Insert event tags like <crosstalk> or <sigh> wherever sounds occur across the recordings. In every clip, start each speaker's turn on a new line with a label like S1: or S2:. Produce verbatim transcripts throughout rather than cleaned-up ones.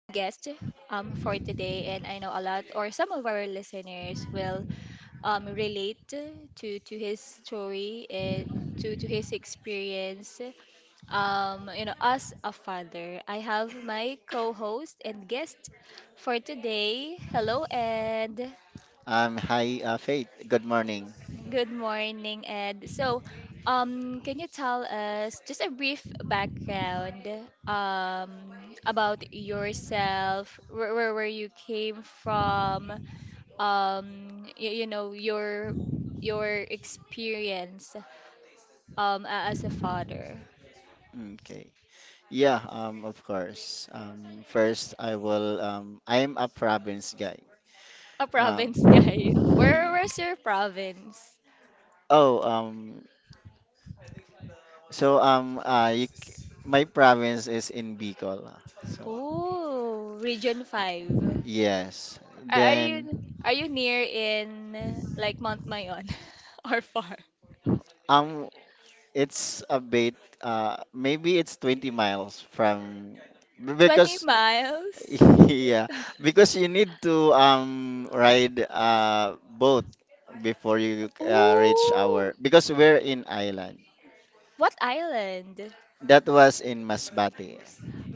S1: um, for today. And I know a lot, or some of our listeners will um, relate to, to his story and to, to his experience um, you know, as a father. I have my co-host and guest for today. Hello, Ed.
S2: Um, hi, uh, Faith. Good morning.
S1: Good morning, Ed. So, um, can you tell us just a brief background um, about yourself, where, where, where you came from, um, you, you know, your your experience um, a- as a father?
S2: Okay. Yeah, um, of course. Um, first, I will. Um, I am a province guy.
S1: A
S2: Um,
S1: province guy. <laughs> Where
S2: <laughs>
S1: where's your province?
S2: oh, um, so um, uh, you, c- My province is in Bicol. ah. So
S1: Oh, Region five.
S2: yes.
S1: Are are
S2: Then
S1: you are you near in like Mount Mayon <laughs> or far?
S2: um, it's a bit. Uh, maybe it's twenty miles from b-
S1: twenty
S2: because
S1: miles?
S2: <laughs> yeah, because you need to um ride uh boat before you uh, reach
S1: Oh,
S2: our because we're in island.
S1: what island?
S2: That was in Masbate,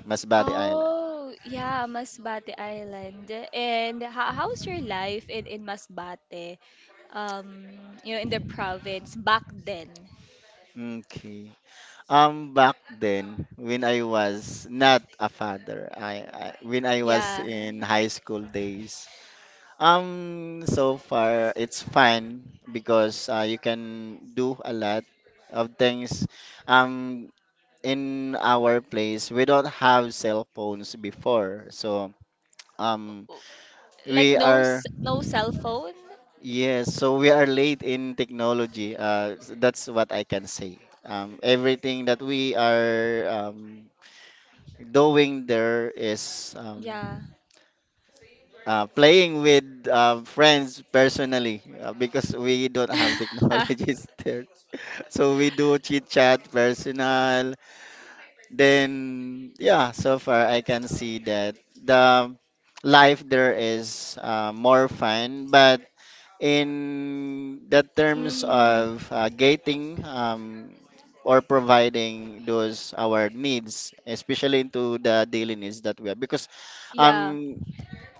S2: Masbate Island.
S1: Oh, yeah, Masbate Island. And ho- how's your life in in Masbate? Um, you know, in the province back then.
S2: Okay. Um, back then when I was not a father, I, I when I was
S1: Yeah.
S2: in high school days. Um, so far it's fine because uh, you can do a lot of things. Um, in our place we don't have cell phones before so um
S1: O- Like
S2: we
S1: no
S2: are
S1: s- no cell phone?
S2: yes, so we are late in technology uh s- that's what I can say. Um everything that we are um doing there is
S1: Yeah.
S2: um uh, playing with uh, friends personally, uh, because we don't have
S1: <laughs>
S2: technologies <laughs> there, so we do chit chat personal. Then, yeah, so far I can see that the life there is uh, more fun, but in the terms
S1: Mm,
S2: of uh, gating, um, or providing those our needs, especially into the daily needs that we have, because
S1: yeah.
S2: um,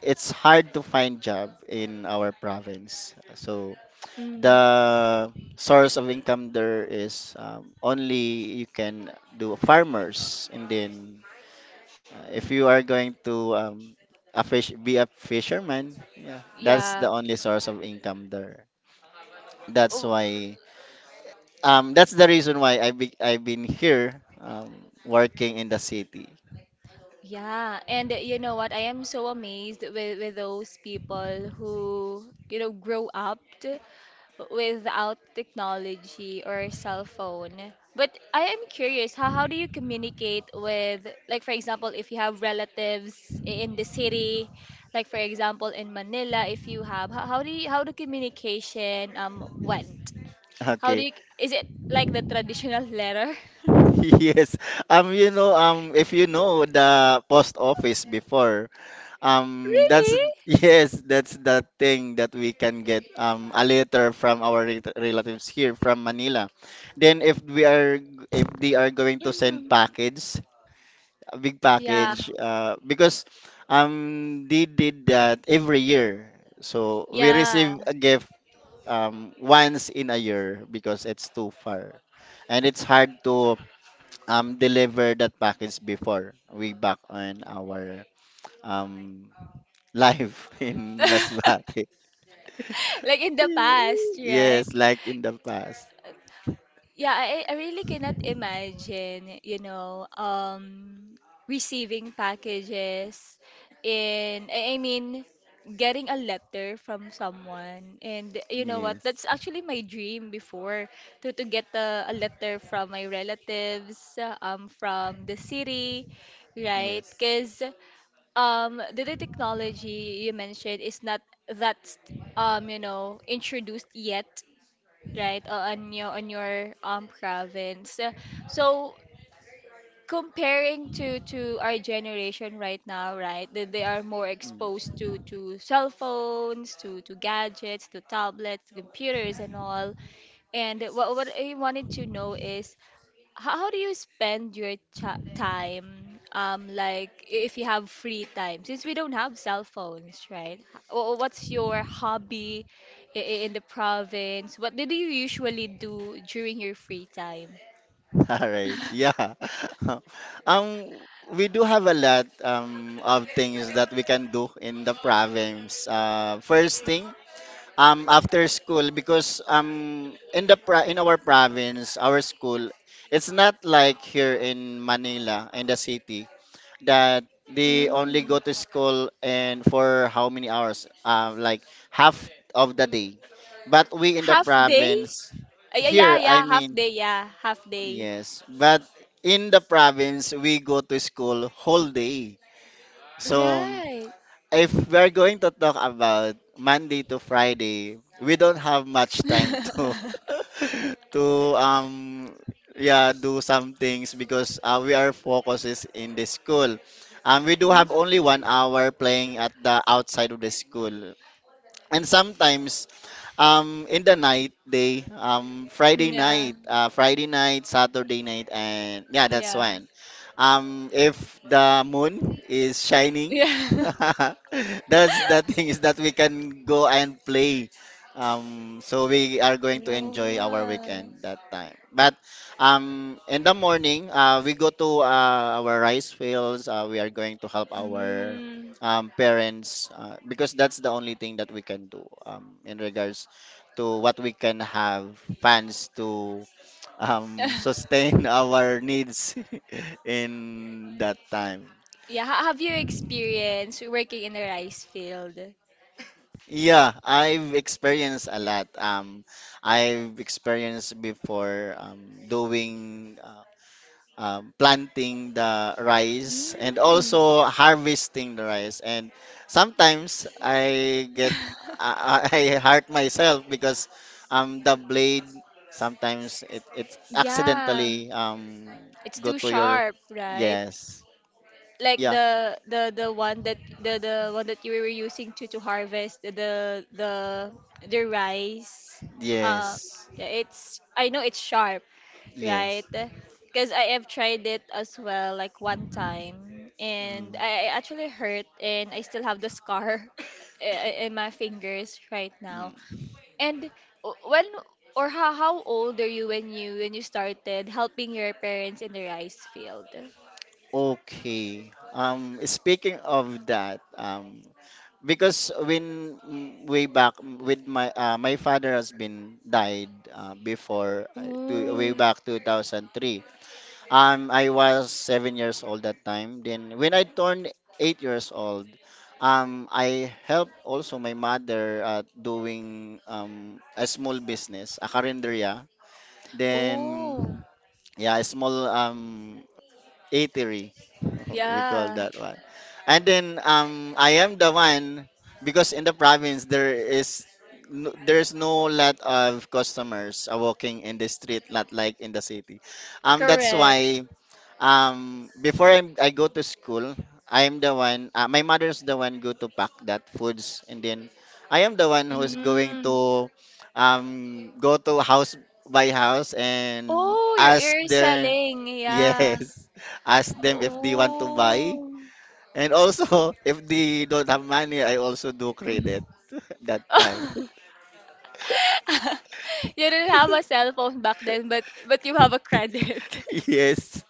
S2: it's hard to find job in our province. So
S1: Mm,
S2: the source of income there is um, only you can do farmers, and then uh, if you are going to um, a fish be a fisherman, yeah, that's
S1: yeah.
S2: the only source of income there. That's
S1: Oh,
S2: why um that's the reason why I be, I've been here um working in the city.
S1: yeah. And uh, you know what? I am so amazed with with those people who, you know, grow up without technology or cell phone. But I am curious, how, how do you communicate with, like, for example, if you have relatives i- in the city, like, for example, in Manila, if you have, how, how do you, how the communication um went? How do
S2: Okay.
S1: you, is it like the traditional letter? <laughs>
S2: <laughs> Yes. Um you know, um if you know the post office before. Um, that's
S1: Really?
S2: <laughs> yes, that's the thing that we can get um a letter from our rel- relatives here from Manila. Then if we are, if they are going to send
S1: Mhm.
S2: package, a big
S1: Yeah,
S2: package, uh, because um they did that every year. So we
S1: yeah.
S2: receive a gift um once in a year because it's too far and it's hard to um deliver that package before we back on our um life <laughs> in
S1: <laughs>
S2: Masbate.
S1: Like in the past, right?
S2: Yes, like in the past.
S1: Yeah, I, I really cannot imagine, you know, um, receiving packages in, I I mean, getting a letter from someone. And you know what?
S2: Yes,
S1: That's actually my dream before to, to get a, a letter from my relatives, um, from the city, right?
S2: yes.
S1: Because um, the, the technology you mentioned is not that, um, you know, introduced yet right uh, on your on your um province. Uh, so comparing to to our generation right now, right, that they are more
S2: Mm.
S1: exposed to to cell phones, to to gadgets, to tablets, computers and all. And what what I wanted to know is, how, how do you spend your cha- time, um like, i- if you have free time, since we don't have cell phones, right? H- wh- what's your hobby i- i- in the province? What did you usually do during your free time?
S2: <laughs> All right.
S1: <laughs>
S2: Yeah. <laughs> Um, we do have a lot um of things that we can do in the province. Uh, first thing, um, after school, because um, in the pro in our province, our school, it's not like here in Manila in the city, that they only go to
S1: Mm.
S2: school and for how many hours? Uh, like half of the day. But we in the
S1: Half day.
S2: province,
S1: Uh, yeah, yeah,
S2: here, I
S1: yeah, half
S2: mean,
S1: day, yeah, half day,
S2: yes, but in the province, we go to school whole day. So
S1: right.
S2: if we're going to talk about Monday to Friday, we don't have much time to
S1: <laughs>
S2: <laughs> to um yeah do some things because uh, we are focuses in the school. Um, we do have only one hour playing at the outside of the school, and sometimes um, in the night day, um, Friday
S1: Mm. Yeah,
S2: night, uh, Friday night, Saturday night, and yeah, that's
S1: yeah.
S2: when. Um, if the moon is
S1: <laughs>
S2: shining,
S1: Yeah.
S2: <laughs> that's the thing is that we can go and play. Um, so we are going to enjoy our
S1: Whoa.
S2: weekend that time. But um, in the morning, uh, we go to uh, our rice fields. Uh, we are going to help our
S1: Mm.
S2: um, parents, uh, because that's the only thing that we can do, um, in regards to what we can have funds to um,
S1: <laughs>
S2: sustain <laughs> our needs <laughs> in that time.
S1: Yeah, how have you experienced working in the rice field?
S2: Yeah, I've experienced a lot. Um, I've experienced before um, doing uh, um, planting the rice and
S1: Mm.
S2: also harvesting the rice. And sometimes I get
S1: <laughs>
S2: I, I <laughs> I hurt myself because um, the blade sometimes it it
S1: Yeah,
S2: accidentally um
S1: it's
S2: go
S1: too
S2: to your
S1: sharp, right?
S2: yes
S1: Like
S2: yeah
S1: the the the one that the the one that you were using to to harvest the the the the rice. Uh,
S2: yes
S1: yeah, it's I know it's sharp, right?
S2: yes.
S1: Because I have tried it as well, like one time, and
S2: Mm.
S1: I I actually hurt, and I still have the scar <laughs> i- i- in my fingers right now.
S2: Mm.
S1: And w- when or how how old are you when you when you started helping your parents in the rice field?
S2: Okay. Um, speaking of that, um, because when mm, way back, mm, with my uh, my father has been died uh, before uh, to, way
S1: Oh,
S2: back twenty oh three. um I was seven years old that time, then when I turned eight years old, um I helped also my mother, uh, doing um a small business, a carinderia, then
S1: oh,
S2: yeah, a small um eatery. <laughs> We call
S1: yeah,
S2: that one. And then um, I am the one, because in the province there is no, there's no lot of customers are walking in the street, not like in the city. Um, that's
S1: correct.
S2: why um before I, I go to school, I am the one. Uh, my mother's the one go to pack that foods, and then I am the one who's going
S1: Mm.
S2: to um go to house by house and
S1: Oh, you're
S2: ask
S1: you're
S2: their
S1: selling, yeah.
S2: yes. <laughs> Ask them if they want to buy.
S1: Oh.
S2: And also, <laughs> if they don't have money, I also do
S1: <laughs>
S2: credit
S1: You
S2: <laughs> that time. <laughs>
S1: didn't have a cell phone back then, but but you have a credit. <laughs>
S2: Yes.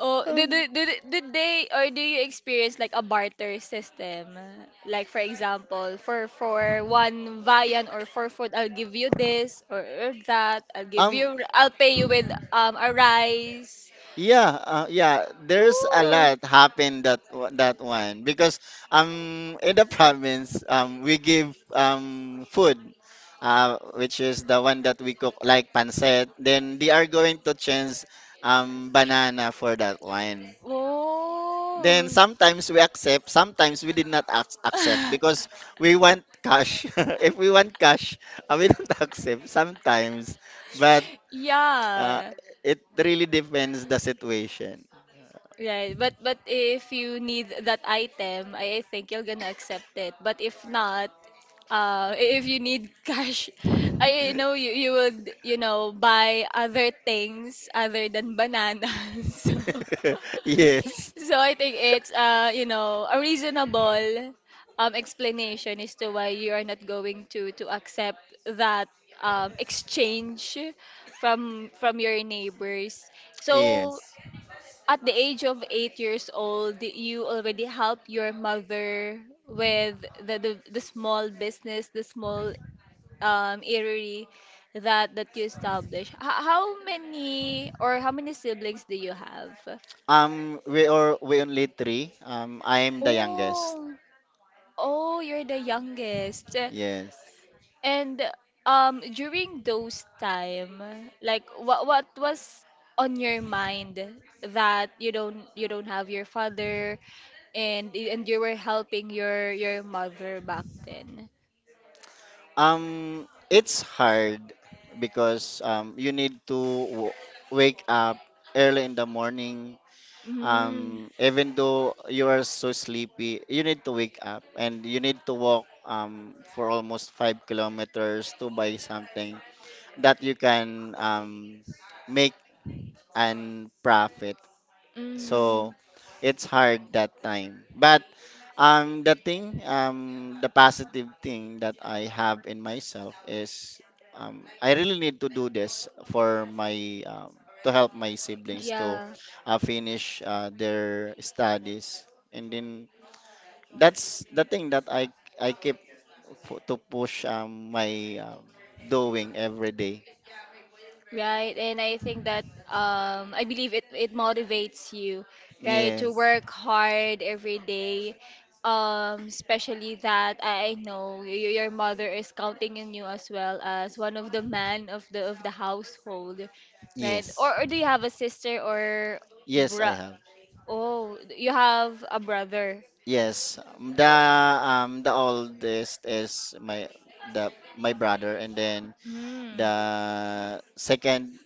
S1: Oh, did,
S2: Um,
S1: did, did did they or do you experience like a barter system? Like for example, for for one viand or for food, I'll give you this or, or that. I'll give
S2: um
S1: you, I'll pay you with um a rice.
S2: yeah, uh, yeah, there's a
S1: Ooh.
S2: lot happened that wa- that one, because um in the province um we give um food uh which is the one that we cook like pancit. Then they are going to change um banana for that one. Then
S1: Oh.
S2: sometimes we accept, sometimes we did not ac- accept because we
S1: <laughs>
S2: want cash. <laughs> If we want cash, <laughs> uh, we don't <laughs> accept sometimes. But uh,
S1: Yeah,
S2: it really depends the situation.
S1: right. But but if you need that item, I I think you're gonna accept it. But if not, uh, if you need cash, <laughs> I know you you would you know buy other things other than bananas. <laughs> So
S2: <laughs> Yes.
S1: So I think it's uh you know a reasonable um explanation as to why you are not going to to accept that um exchange from from your neighbors. So
S2: Yes.
S1: at the age of eight years old, you already helped your mother with the the, the small business, the small um eatery that that you established. H- how many or how many siblings do you have?
S2: Um, we are we only three. Um, I am the youngest.
S1: Oh. Oh, you're the youngest.
S2: Yes.
S1: And um during those time, like what what was on your mind that you don't you don't have your father and y- and you were helping your your mother back then?
S2: Um, it's hard because um you need to w- wake up early in the morning,
S1: Mm,
S2: um even though you are so sleepy you need to wake up, and you need to walk um for almost five kilometers to buy something that you can um make and profit,
S1: mm,
S2: so it's hard that time. But um the thing um the positive thing that I have in myself is um I really need to do this for my um to help my siblings to
S1: yeah.
S2: uh, finish uh, their studies, and then that's the thing that I I keep f- to push um my um, doing every day.
S1: Right? And I think that um, I believe it it motivates you, right, to
S2: Yes.
S1: work hard every day. Um, especially that I I know y- y- your mother is counting on you as well as one of the man of the of the household, right?
S2: Yes.
S1: Or, or do you have a sister or
S2: Yes,
S1: bro?
S2: I have.
S1: Oh, you have a brother.
S2: Yes, um, the
S1: Oh,
S2: um the oldest is my the my brother, and then
S1: hmm.
S2: the second,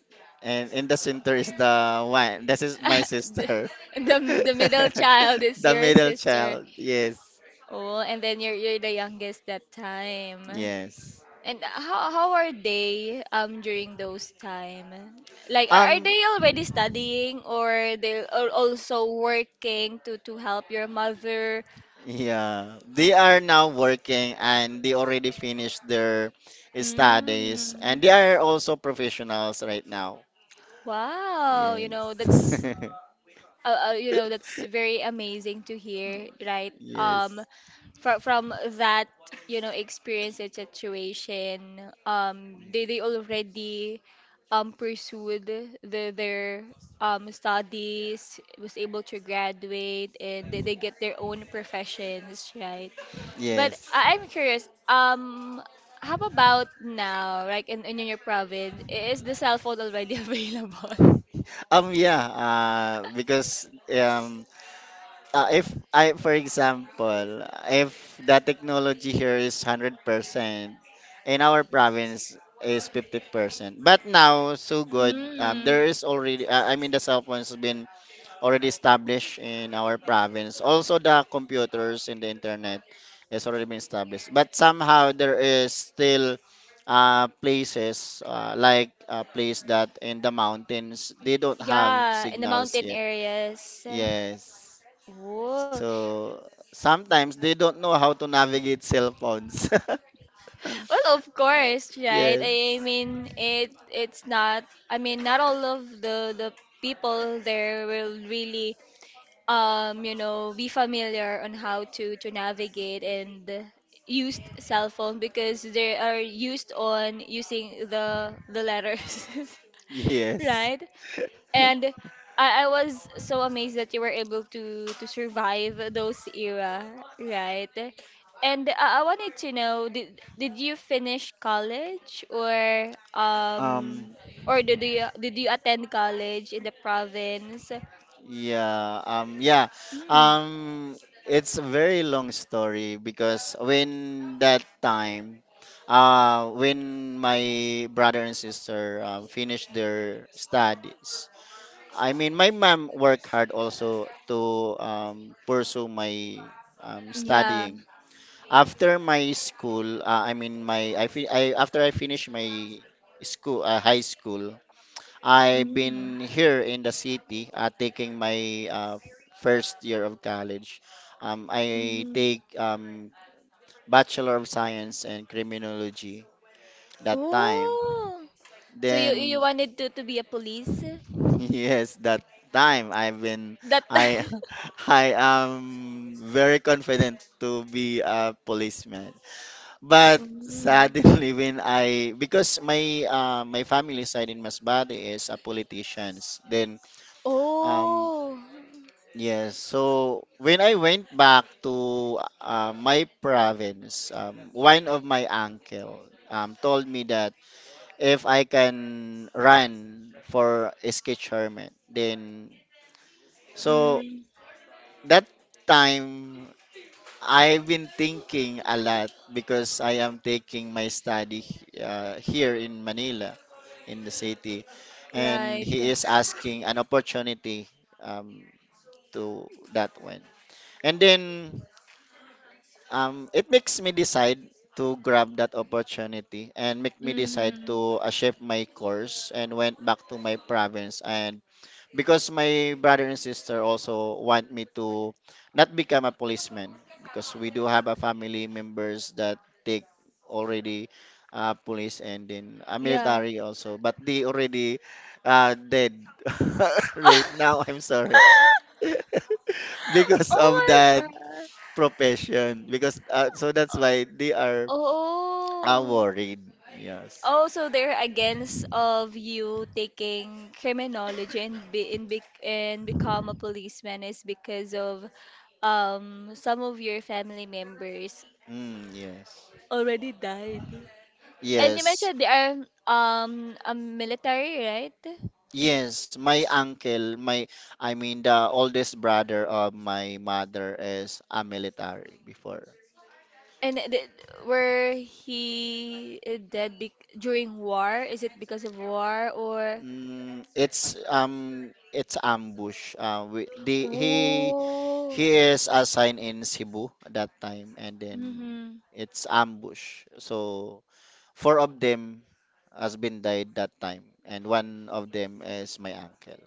S2: and in the center is the one. This is my
S1: <laughs> the,
S2: sister.
S1: the the middle
S2: <laughs>
S1: child is
S2: The
S1: your
S2: middle
S1: sister.
S2: child. Yes.
S1: Oh, and then you're you're the youngest that time.
S2: Yes.
S1: And how how are they um during those time? Like are, are
S2: Um
S1: they already studying or they are also working to to help your mother?
S2: yeah, they are now working, and they already finished their studies,
S1: Mm.
S2: and they are also professionals right now.
S1: Wow, you know,
S2: Yes.
S1: that's uh, uh, you know that's very amazing to hear, right,
S2: <laughs>
S1: um
S2: Yes.
S1: from from that, you know experience and situation, um they they already um pursued the, their um studies, was able to graduate and they, they get their own professions, right? But
S2: Yes.
S1: I- i'm curious, um how about now, like in, in your province, is the cell phone already <laughs> available?
S2: Um, yeah, uh, because um, uh, if I, for example, if the technology here is one hundred percent, in our province is fifty percent. But now, so good, um, there
S1: Mm.
S2: is already, uh, I mean, the cell phones has been already established in our province. Also, the computers and the internet has already been established. But somehow there is still uh, places, uh, like a place that in the mountains they don't have
S1: Yeah, in the
S2: signals
S1: mountain
S2: yet.
S1: areas.
S2: Yes.
S1: Oh,
S2: So sometimes they don't know how to navigate cell phones.
S1: well, of course,
S2: <laughs>
S1: right? I I
S2: Yes.
S1: mean, it it's not. I mean, not all of the the people there will really, um, you know, be familiar on how to to navigate and use cell phone because they are used on using the the letters, <laughs>
S2: Yes.
S1: right? And I, I was so amazed that you were able to to survive those era, right? And I, I wanted to know, did did you finish college or
S2: Um,
S1: um or did you did you attend college in the province?
S2: Yeah, um, yeah,
S1: Mm,
S2: um, it's a very long story because when that time, uh, when my brother and sister um, finished their studies, I mean, my mom worked hard also to um, pursue my um,
S1: yeah.
S2: studying. After my school, uh, I mean, my I, fi I after I finished my school, uh, high school, I've
S1: Mm,
S2: been here in the city uh, taking my uh, first year of college. Um, I
S1: mm.
S2: take um, Bachelor of Science in Criminology that time.
S1: Oh, so you you
S2: Then
S1: wanted to to be a police
S2: <laughs> yes, that time I've been
S1: that
S2: I
S1: time?
S2: <laughs> I am very confident to be a policeman.
S1: <laughs>
S2: But
S1: Mm.
S2: suddenly <laughs> when I because my uh, my family side in Masbate is a politicians. Then um
S1: Oh,
S2: yes, so when I went back to uh, my province, um, one of my uncle um, told me that if I can run for S K chairman, then so
S1: mm,
S2: that time I've been thinking a lot because I am taking my study uh, here in Manila, in the city, and
S1: right.
S2: he is asking an opportunity um, to that one. And then um it makes me decide to grab that opportunity, and make me decide
S1: Mm-hmm.
S2: to uh, shift my course and went back to my province, and because my brother and sister also want me to not become a policeman because we do have a family members that take already uh, police and then uh,
S1: Yeah.
S2: military also, but they already uh, dead <laughs> right now, I'm
S1: <laughs>
S2: sorry <laughs> because of
S1: Oh my
S2: that
S1: God.
S2: profession, because uh, so that's why they are uh,
S1: Oh.
S2: worried. Yes.
S1: Oh, so they're against of you taking criminology and be and, be, and become a policeman is because of um some of your family members
S2: Mm, yes.
S1: already died. And you
S2: Yes.
S1: mentioned they are um a military, right?
S2: Yes, my
S1: S-
S2: uncle, my I mean the oldest brother of my mother is a military before.
S1: And th- were he dead be- during war? Is it because of war or?
S2: Mm, it's um it's ambush. Uh, we, the, he
S1: Oh.
S2: he is assigned in Cebu at that time, and then
S1: Mm-hmm.
S2: it's ambush. So four of them has been died that time, and one of them is my uncle.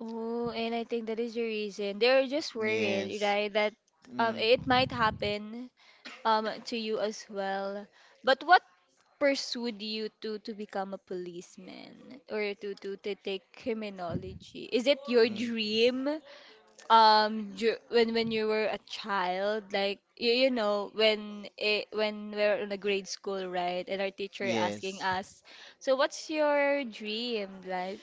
S1: Oh, and I think that is the reason. They're just worried,
S2: Yes.
S1: right? That um
S2: Mm,
S1: it might happen um to you as well. But what pursued you to to become a policeman or to to, to take criminology? Is it your
S2: mm,
S1: dream um dur- when when you were a child, like you, you know when it, when we're in a grade school, right, and our teacher asking
S2: yes.
S1: us, so what's your dream, like,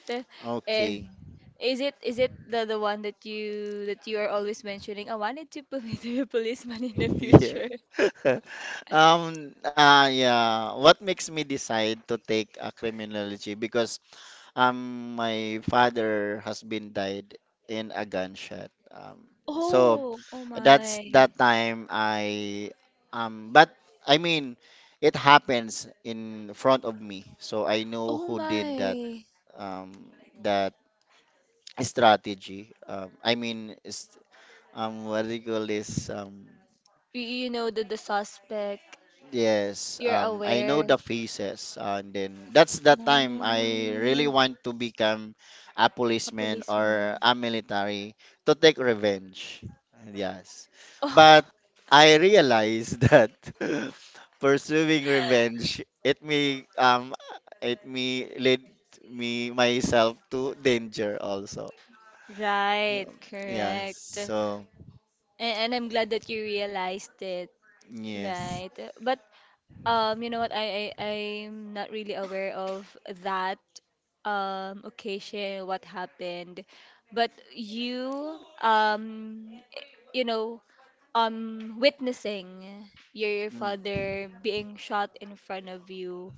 S1: eh,
S2: Okay.
S1: is it is it the, the one that you that you are always mentioning, I wanted to be <laughs> to be a policeman in the
S2: <laughs> Yeah.
S1: future?
S2: <laughs> Um, uh, yeah. What makes me decide to take a criminology? Because um, my father has been died in a gunshot. Um, so
S1: Oh, oh
S2: That's
S1: my.
S2: that time I um but I mean it happens in front of me. So I know
S1: Oh
S2: who did that
S1: my.
S2: um that strategy. Um I mean, is, um what do you call this? um
S1: You, you know the, the suspect.
S2: Yes,
S1: You're
S2: um, I know the
S1: aware.
S2: faces, uh, and then that's the time I really
S1: Mm,
S2: want to become a
S1: a
S2: policeman or
S1: policeman.
S2: a
S1: <laughs>
S2: military to take revenge. Yes, but
S1: Oh,
S2: I realized <laughs> that pursuing revenge, it may um it may lead me myself to danger also.
S1: right.
S2: Um, Yes,
S1: Correct. And,
S2: so
S1: and I'm glad that you realized it.
S2: yes.
S1: Right. But Um, you know what? I, I I'm not really aware of that um occasion, what happened, but you um you know um witnessing your
S2: Mm,
S1: father being shot in front of you.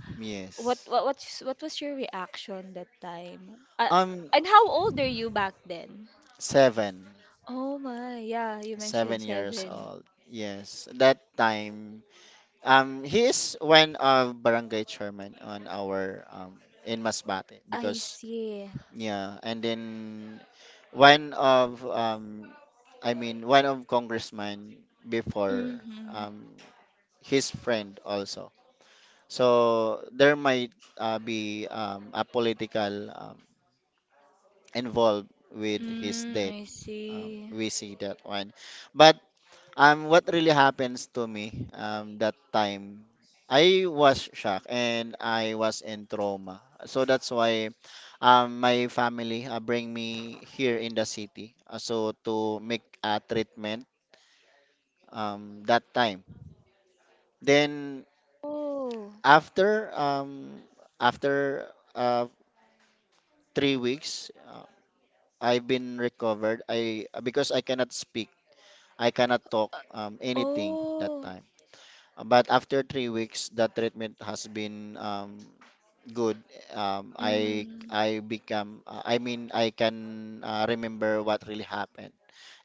S1: What
S2: yes.
S1: what what's, what was your reaction that time? Uh,
S2: Um,
S1: and how old are you back then?
S2: Seven.
S1: Oh my, yeah, you
S2: Seven
S1: mentioned
S2: years
S1: seven.
S2: old. Yes, that time. Um, he is one of barangay chairman on our, um in Masbate,
S1: I
S2: because
S1: see.
S2: yeah, and then one of, um, I mean, one of congressman before,
S1: Mm-hmm.
S2: um his friend also. So there might, uh, be, um, a political, um, involved with his
S1: Mm,
S2: death.
S1: I
S2: Um,
S1: see.
S2: we see that one, but Um, what really happens to me um that time, I was shocked and I was in trauma. So that's why um my family, uh, bring me here in the city, uh, so to make a treatment um that time. Then
S1: Oh,
S2: after um after uh three weeks, uh, I've been recovered. I, because I cannot speak, I cannot talk um anything that
S1: uh, oh,
S2: time. But after three weeks, the treatment has been, um, good. Um, I
S1: mm,
S2: I become, uh, I mean, I can, uh, remember what really happened.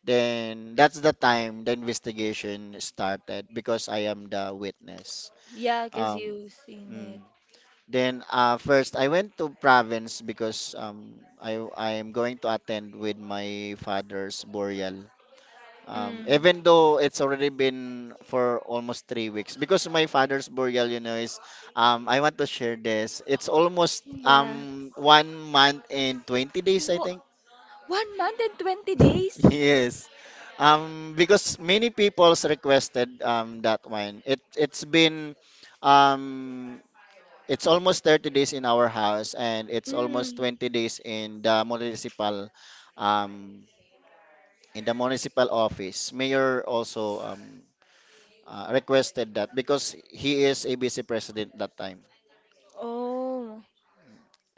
S2: Then that's the time the investigation started because I am the witness.
S1: yeah, because
S2: Um,
S1: you've seen
S2: mm.
S1: it.
S2: Then, uh, first I went to province because, um, I I am going to attend with my father's burial, um,
S1: Mm,
S2: even though it's already been for almost three weeks, because my father's burial, you know, is, um, I want to share this. It's almost
S1: yeah.
S2: um one month and twenty days, I
S1: Wha
S2: think.
S1: One month and twenty
S2: <laughs>
S1: days?
S2: Yes. Um, because many people's requested um that one. It it's been, um it's almost thirty days in our house and it's almost
S1: Mm,
S2: twenty days in the municipal, um in the municipal office. Mayor also, um uh, requested that because he is A B C president that time.
S1: oh,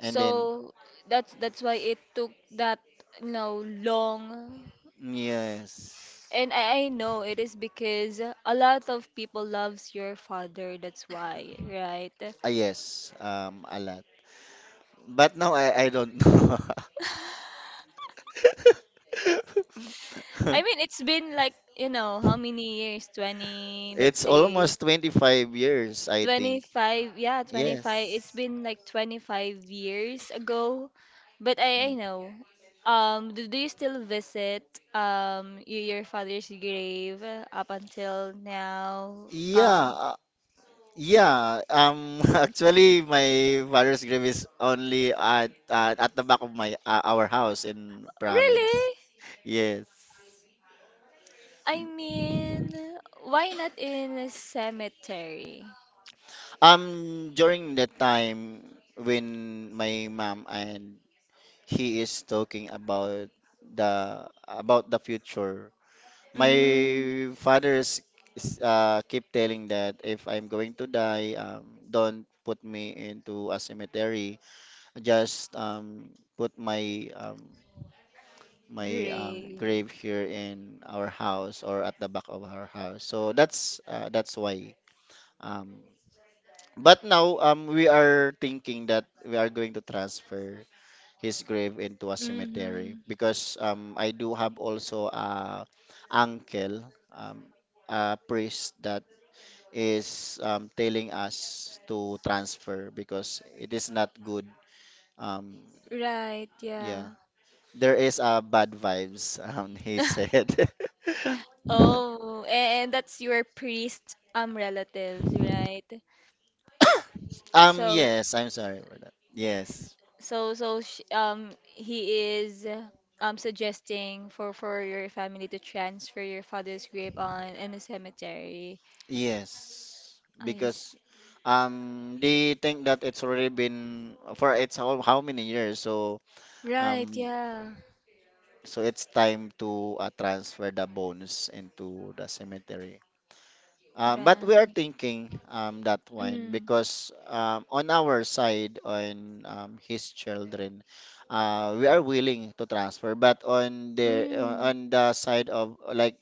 S2: And then,
S1: that's that's why it took that, you know, long.
S2: yes,
S1: And I, I know it is because a lot of people loves your father, that's why, right?
S2: ah, yes, um, a lot. But now I I don't know.
S1: I mean,
S2: <laughs>
S1: it's been like, you know, how many years? twenty, let's
S2: It's
S1: say
S2: almost twenty-five years, I think.
S1: twenty-five. Yeah, twenty-five. It's
S2: Yes.
S1: been like twenty-five years ago. But I, I
S2: Mm.
S1: know. Um, do, do you still visit um y- your father's grave up until now? Um,
S2: Yeah, uh, yeah. Um, <laughs> actually, my father's grave is only at at at the back of my, uh, our house in province.
S1: really?
S2: Yes.
S1: I mean, why not in a cemetery?
S2: Um, during the time when my mom and he is talking about the about the future, my
S1: Mm,
S2: father's is, uh, keep telling that if I'm going to die, um, don't put me into a cemetery. Just, um, put my um, my um,
S1: grave.
S2: grave here in our house, or at the back of our house. So that's uh, that's why, um, but now, um, we are thinking that we are going to transfer his grave into a
S1: Mm-hmm.
S2: cemetery because, um, I do have also a uncle, um, a priest that is, um, telling us to transfer because it is not good. Um,
S1: Right,
S2: yeah,
S1: yeah.
S2: there is a bad vibes. <laughs> Um, he
S1: <laughs>
S2: said. <laughs>
S1: Oh, and that's your priest um relatives, right?
S2: um,
S1: So
S2: yes, I'm sorry for that. Yes.
S1: so so sh um He is uh, um suggesting for for your family to transfer your father's grave on in the cemetery.
S2: Yes,
S1: I
S2: because
S1: see.
S2: um they think that it's already been for it's how, how many years, so,
S1: Right,
S2: um
S1: yeah.
S2: so it's time to, uh, transfer the bones into the cemetery. Um, but we are
S1: Right.
S2: thinking, um that one
S1: Mm.
S2: because, um on our side, on, um his children, uh we are willing to transfer, but on the
S1: Mm.
S2: uh, on the side of, uh, like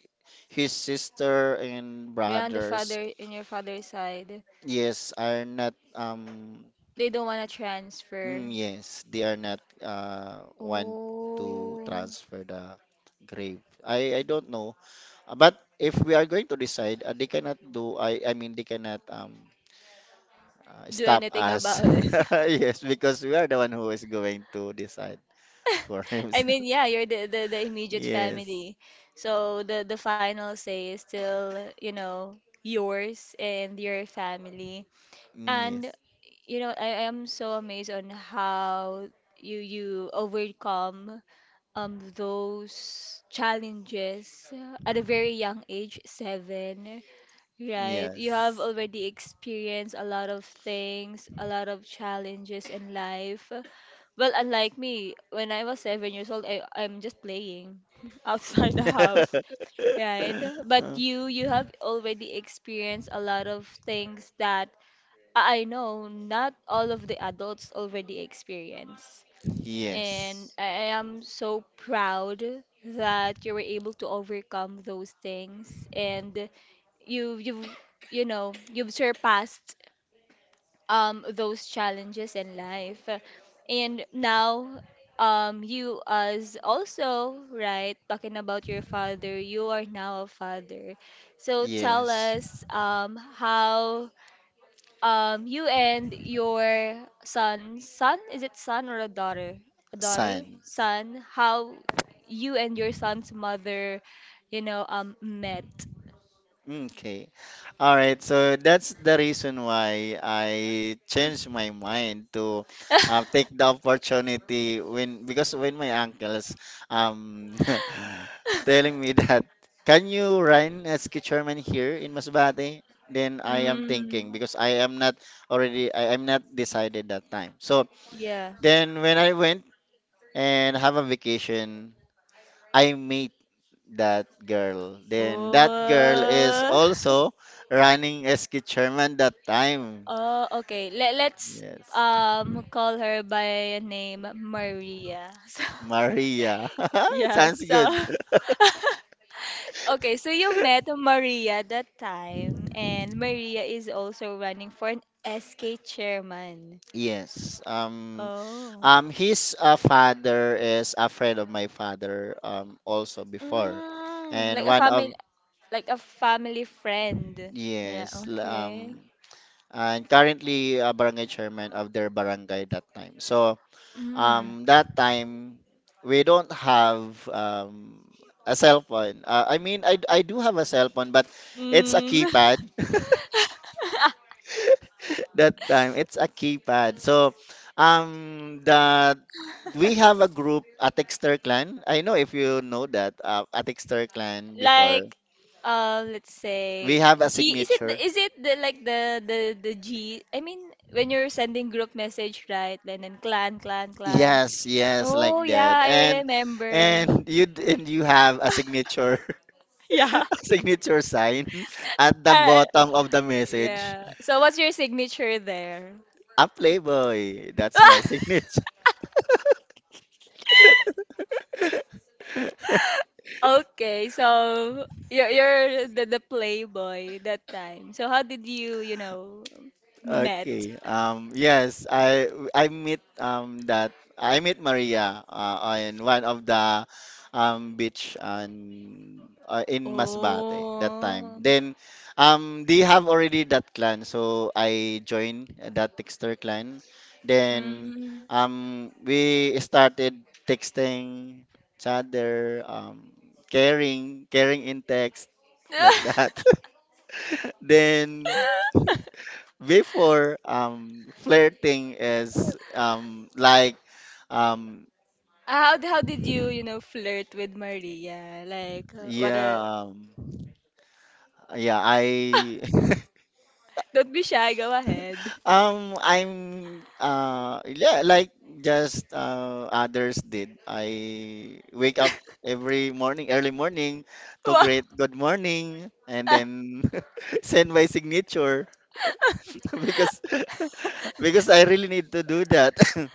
S2: his sister and
S1: Yeah, on the
S2: brothers.
S1: father in your father's side.
S2: Yes, are not, um
S1: They don't wanna
S2: mm,
S1: transfer.
S2: yes, they are not, uh want to
S1: Oh,
S2: transfer the grave. I I don't know. Uh, But if we are going to decide, uh, they cannot do, I I mean, they cannot, um uh,
S1: do
S2: stop
S1: anything
S2: us.
S1: about <laughs> it.
S2: <laughs> Yes, because we are the one who is going to decide
S1: <laughs>
S2: for <laughs>
S1: I
S2: himself.
S1: mean, yeah, you're the, the, the immediate
S2: Yes.
S1: family. So the, the final say is still, you know, yours and your family.
S2: Mm.
S1: And,
S2: Yes.
S1: you know, I am so amazed on how you you overcome um those challenges at a very young age, seven. Right. You have
S2: Yes.
S1: already experienced a lot of things, a lot of challenges in life. Well, unlike me, when I was seven years old, I, I'm just playing <laughs> outside the house,
S2: <laughs>
S1: right? But you, you have already experienced a lot of things that I I know not all of the adults already experience. And
S2: Yes.
S1: I I am so proud that you were able to overcome those things. And you you've you know you've surpassed um those challenges in life, and now, um you, as also, right, talking about your father, you are now a father. So tell
S2: Yes.
S1: us, um how um you and your son son, is it son or a daughter, a daughter,
S2: Son.
S1: son, how you and your son's mother, you know um met.
S2: Okay. All right. So that's the reason why I changed my mind to, uh, take the opportunity when, because when my uncles, um <laughs> telling me
S1: <laughs>
S2: that, can you run as chairman here in Masbate? Then I am thinking
S1: Mm,
S2: because I am not already, I am not decided that time. So
S1: yeah.
S2: then when I went and have a vacation, I made that girl. Then that girl is
S1: Oh. <laughs>
S2: also running S K chairman that time.
S1: Oh, okay. Let let's
S2: Yes.
S1: um call her by name Maria. <laughs> So,
S2: Maria. <laughs>
S1: yeah,
S2: Sounds
S1: so.
S2: good.
S1: <laughs> Okay, so you met Maria that time, and Maria is also running for an S K chairman.
S2: Yes. Um,
S1: Oh.
S2: um, his, uh, father is a friend of my father, um, also before.
S1: Mm, like
S2: And
S1: a
S2: one
S1: family,
S2: of,
S1: like a family friend. Yeah,
S2: yes, l-
S1: okay.
S2: um, and currently a barangay chairman of their barangay that time. So,
S1: Mm.
S2: um that time we don't have, um a cell phone. Uh, I mean, I I do have a cell phone, but it's a
S1: Mm. <laughs>
S2: keypad. <laughs> That time it's a keypad. So, um the we have a group, a Texter clan. I know if you know that, uh, a Texter clan before.
S1: Like, uh let's
S2: We
S1: say
S2: have a
S1: G, is it the,
S2: signature.
S1: is it the like the the the G, I mean, when you're sending group message, right, and then clan, clan, clan.
S2: Yes, yes,
S1: Oh
S2: like that.
S1: yeah, I
S2: And
S1: remember.
S2: and you d- and you have a signature. <laughs>
S1: Yeah.
S2: <laughs> Signature sign at
S1: <laughs>
S2: the
S1: uh,
S2: bottom of the message.
S1: yeah, so what's your signature there?
S2: I'm Playboy. That's my
S1: <laughs>
S2: signature. <laughs>
S1: Okay, so you're you're the, the playboy that time. So how did you, you know met?
S2: Okay. Um, yes, I I meet um that I met Maria, uh, on one of the, um beach on, uh, in Masbate that time.
S1: Oh.
S2: Then, um they have already that clan, so I joined that texter clan. Then,
S1: Mm.
S2: um we started texting each other, um caring, caring in text, like that.
S1: <laughs>
S2: <laughs> Then before, um flirting is, um like, um
S1: how how did you, you know flirt with Maria? Like, uh, what are?
S2: yeah um, yeah, I <laughs>
S1: Don't be shy, go ahead. <laughs>
S2: um I'm uh yeah like just, uh others did, I wake up every morning, early morning, to
S1: Wow.
S2: greet good morning, and then
S1: <laughs>
S2: <laughs> send my signature. <laughs> Because <laughs> because I really need to do that. <laughs>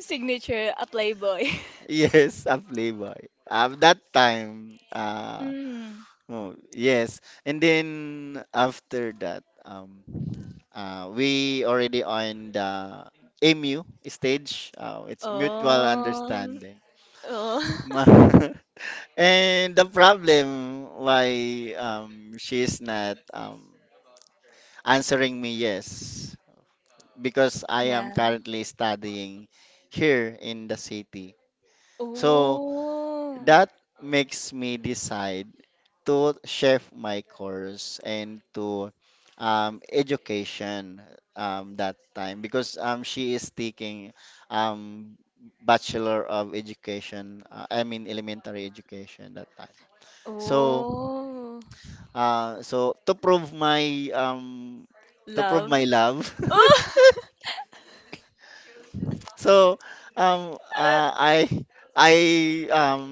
S1: Signature a playboy. <laughs>
S2: Yes, a playboy, um that time, uh
S1: Mm.
S2: Oh, yes. And then after that, um, uh, we already on the M U stage. Uh, it's mutual
S1: Oh.
S2: understanding.
S1: Oh.
S2: Ma- <laughs> And the problem why, um, she's not, um, answering me yes, because
S1: <laughs>
S2: I am
S1: Yeah.
S2: currently studying here in the city. So
S1: Oh.
S2: that makes me decide to shift my course and to, um, education, um, that time because, um, she is taking, um, Bachelor of Education, uh, I mean, elementary education that time. So,
S1: Oh.
S2: uh, so to prove my um, to prove
S1: Love.
S2: my love. <laughs>
S1: Oh.
S2: So, um uh, I
S1: <laughs>
S2: I um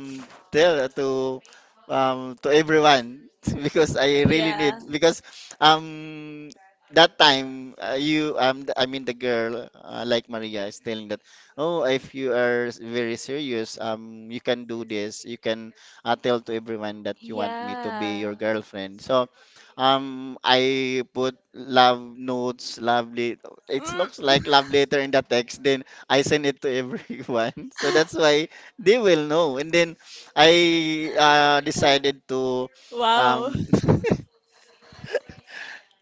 S2: tell to um to everyone, <laughs> because I really
S1: Yeah.
S2: need, because, um that time, uh, you, um th- I mean, the girl, uh, like Maria, is telling that, oh, if you are, s- very serious, um you can do this, you can, uh, tell to everyone that you want me to be your
S1: Yeah.
S2: girlfriend. So, um I put love notes, love lit- it looks
S1: Mm.
S2: like love letter in the text, then I send it to everyone. <laughs> So that's
S1: <laughs>
S2: why they will know. And then I uh, decided to
S1: Wow.
S2: um <laughs>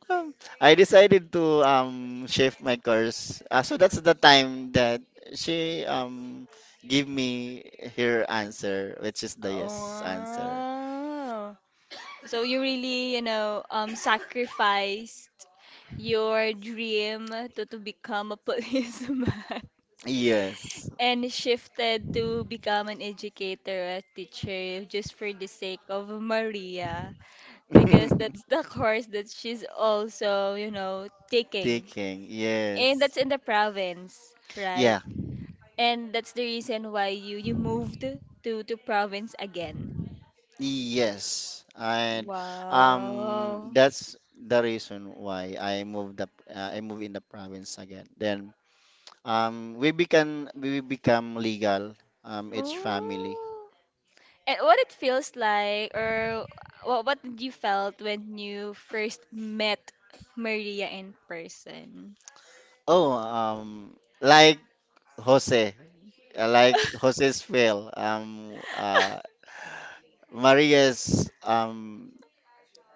S2: um, I decided to, um shift my course. Uh, so that's the time that she, um gave me her answer, which is the yes answer.
S1: Oh. So you really, you know, um, sacrificed your dream to, to become a <laughs> policeman,
S2: Yes.
S1: and shifted to become an educator, a teacher, just for the sake of Maria, because that's
S2: <laughs>
S1: the <laughs> course that she's also, you know, taking.
S2: Thinking,
S1: And
S2: yes.
S1: that's in the province, right?
S2: Yeah.
S1: And that's the reason why you you moved to to province again.
S2: Yes, and, um,
S1: Wow.
S2: that's the reason why I moved up. Uh, I moved in the province again. Then, um, we become we become legal. Um, each family.
S1: Ooh. And what it feels like, or what what did you felt when you first met Maria in person?
S2: Oh, um, like Jose, uh, like Jose's fail. Um, uh, Maria's, um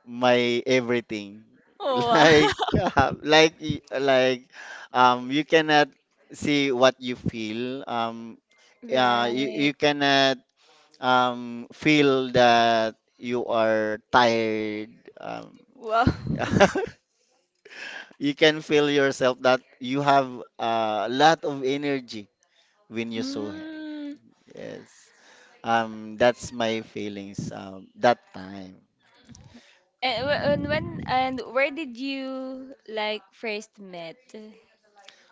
S2: my everything. <laughs>
S1: Wow.
S2: Like
S1: <laughs>
S2: uh, like y- like um you cannot see what you feel. Um uh, you,
S1: Right.
S2: you cannot, um feel that you are tired. Um
S1: Wow. <laughs>
S2: <laughs> you can feel yourself that you have a lot of energy when you saw him.
S1: Mm.
S2: Yes. Um, that's my feelings, um, that time.
S1: And wh- and when and where did you, like, first met?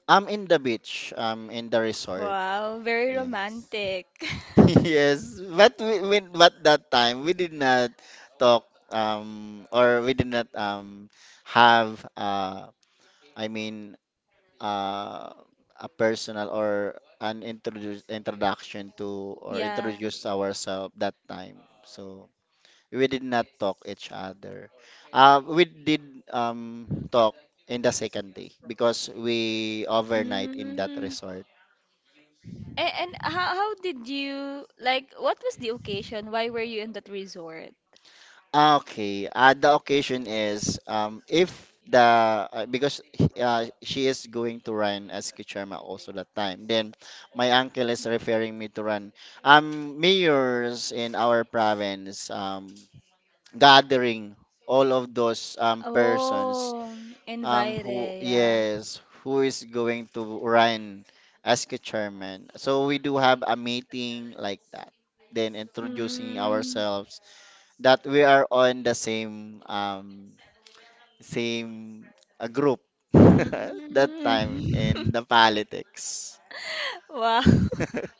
S2: I'm in the beach, um, in the resort.
S1: Wow, very
S2: Yes.
S1: romantic.
S2: <laughs>
S1: <laughs>
S2: Yes, but we, we but that time we did not talk, um or we did not, um have, uh I mean, uh a personal or an introduce introduction to, or
S1: Yeah.
S2: introduce ourselves that time. So we did not talk each other. Uh, we did, um talk in the second day because we overnight in that
S1: Mm.
S2: resort.
S1: And, and how, how did you, like, what was the occasion? Why were you in that resort?
S2: Ah, okay. Uh, the occasion is, um, if the uh, because, uh, she is going to run as Kichama also that time. Then my uncle is referring me to run. Um, mayors in our province, um, gathering all of those, um, persons,
S1: Oh,
S2: um, who,
S1: invited, yeah.
S2: yes, who is going to run as chairman. So we do have a meeting like that. Then introducing
S1: Mm.
S2: ourselves, that we are on the same um same, uh, group. <laughs> That time,
S1: Mm.
S2: in
S1: <laughs>
S2: the politics.
S1: Wow. <laughs>
S2: <laughs>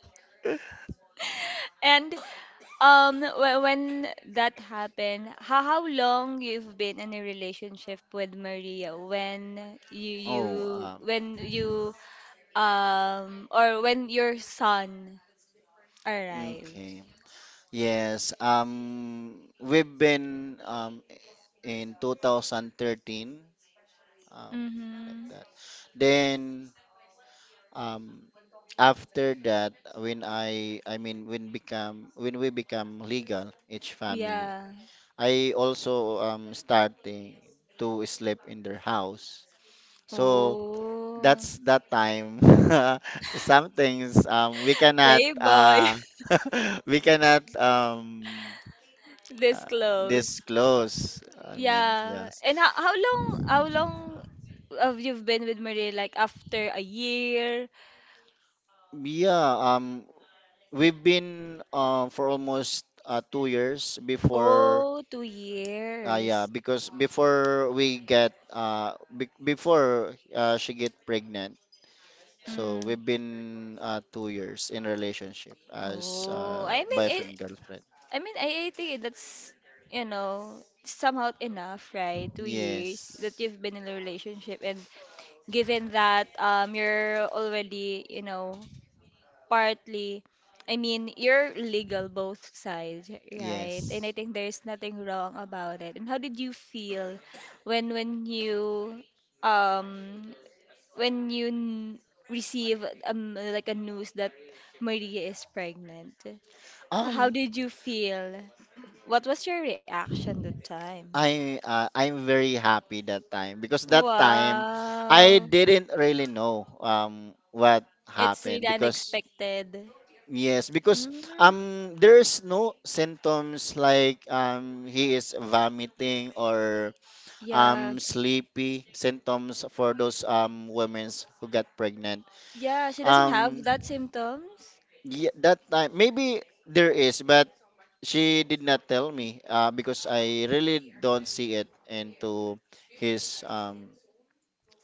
S1: And um when, when that happened, how how long you've been in a relationship with Maria when you
S2: Oh,
S1: you
S2: um,
S1: when you, um or when your son arrived?
S2: okay. Yes, um, we've been, um, in twenty thirteen, um, like
S1: Mm-hmm.
S2: that. Then, um, after that, when I, I mean, when become, when we become legal, each family,
S1: Yeah.
S2: I also, um starting to sleep in their house. So
S1: Oh.
S2: that's that time. <laughs>
S1: <laughs>
S2: Some things um we cannot,
S1: Playboy.
S2: uh <laughs> we cannot, um
S1: <laughs>
S2: uh,
S1: Disclose.
S2: disclose. I mean,
S1: Yeah.
S2: yes.
S1: And how, how long how long have you been with Maria? Like, after a year?
S2: Yeah, um we've been, uh, for almost, uh, two years before,
S1: Oh, two
S2: uh, yeah,
S1: years.
S2: because before we get uh be- before, uh, she get pregnant. So we've
S1: Mm.
S2: been, uh, two years in relationship as,
S1: Oh,
S2: uh,
S1: I mean it.
S2: boyfriend girlfriend.
S1: I mean, I, I think that's, you know somehow enough, right? Two years that
S2: Yes,
S1: you've been in a relationship. And given that, um you're already, you know, partly, I mean, you're legal both sides, right? And I
S2: yes.
S1: think there's nothing wrong about it. And how did you feel when, when you um when you n- receive, um like, a news that Maria is pregnant? H- How
S2: Um,
S1: did you feel? What was your reaction that time?
S2: I uh, I'm very happy that time because that time I
S1: Wow.
S2: didn't really know um what
S1: It's
S2: happened
S1: really
S2: because
S1: unexpected.
S2: yes because
S1: Mm,
S2: um there's no symptoms like um he is vomiting or
S1: yeah.
S2: um sleepy symptoms for those um women who got pregnant.
S1: Yeah, she doesn't have
S2: Um,
S1: that symptoms.
S2: Yeah, that time maybe there is, but she did not tell me uh, because I really don't see it into his um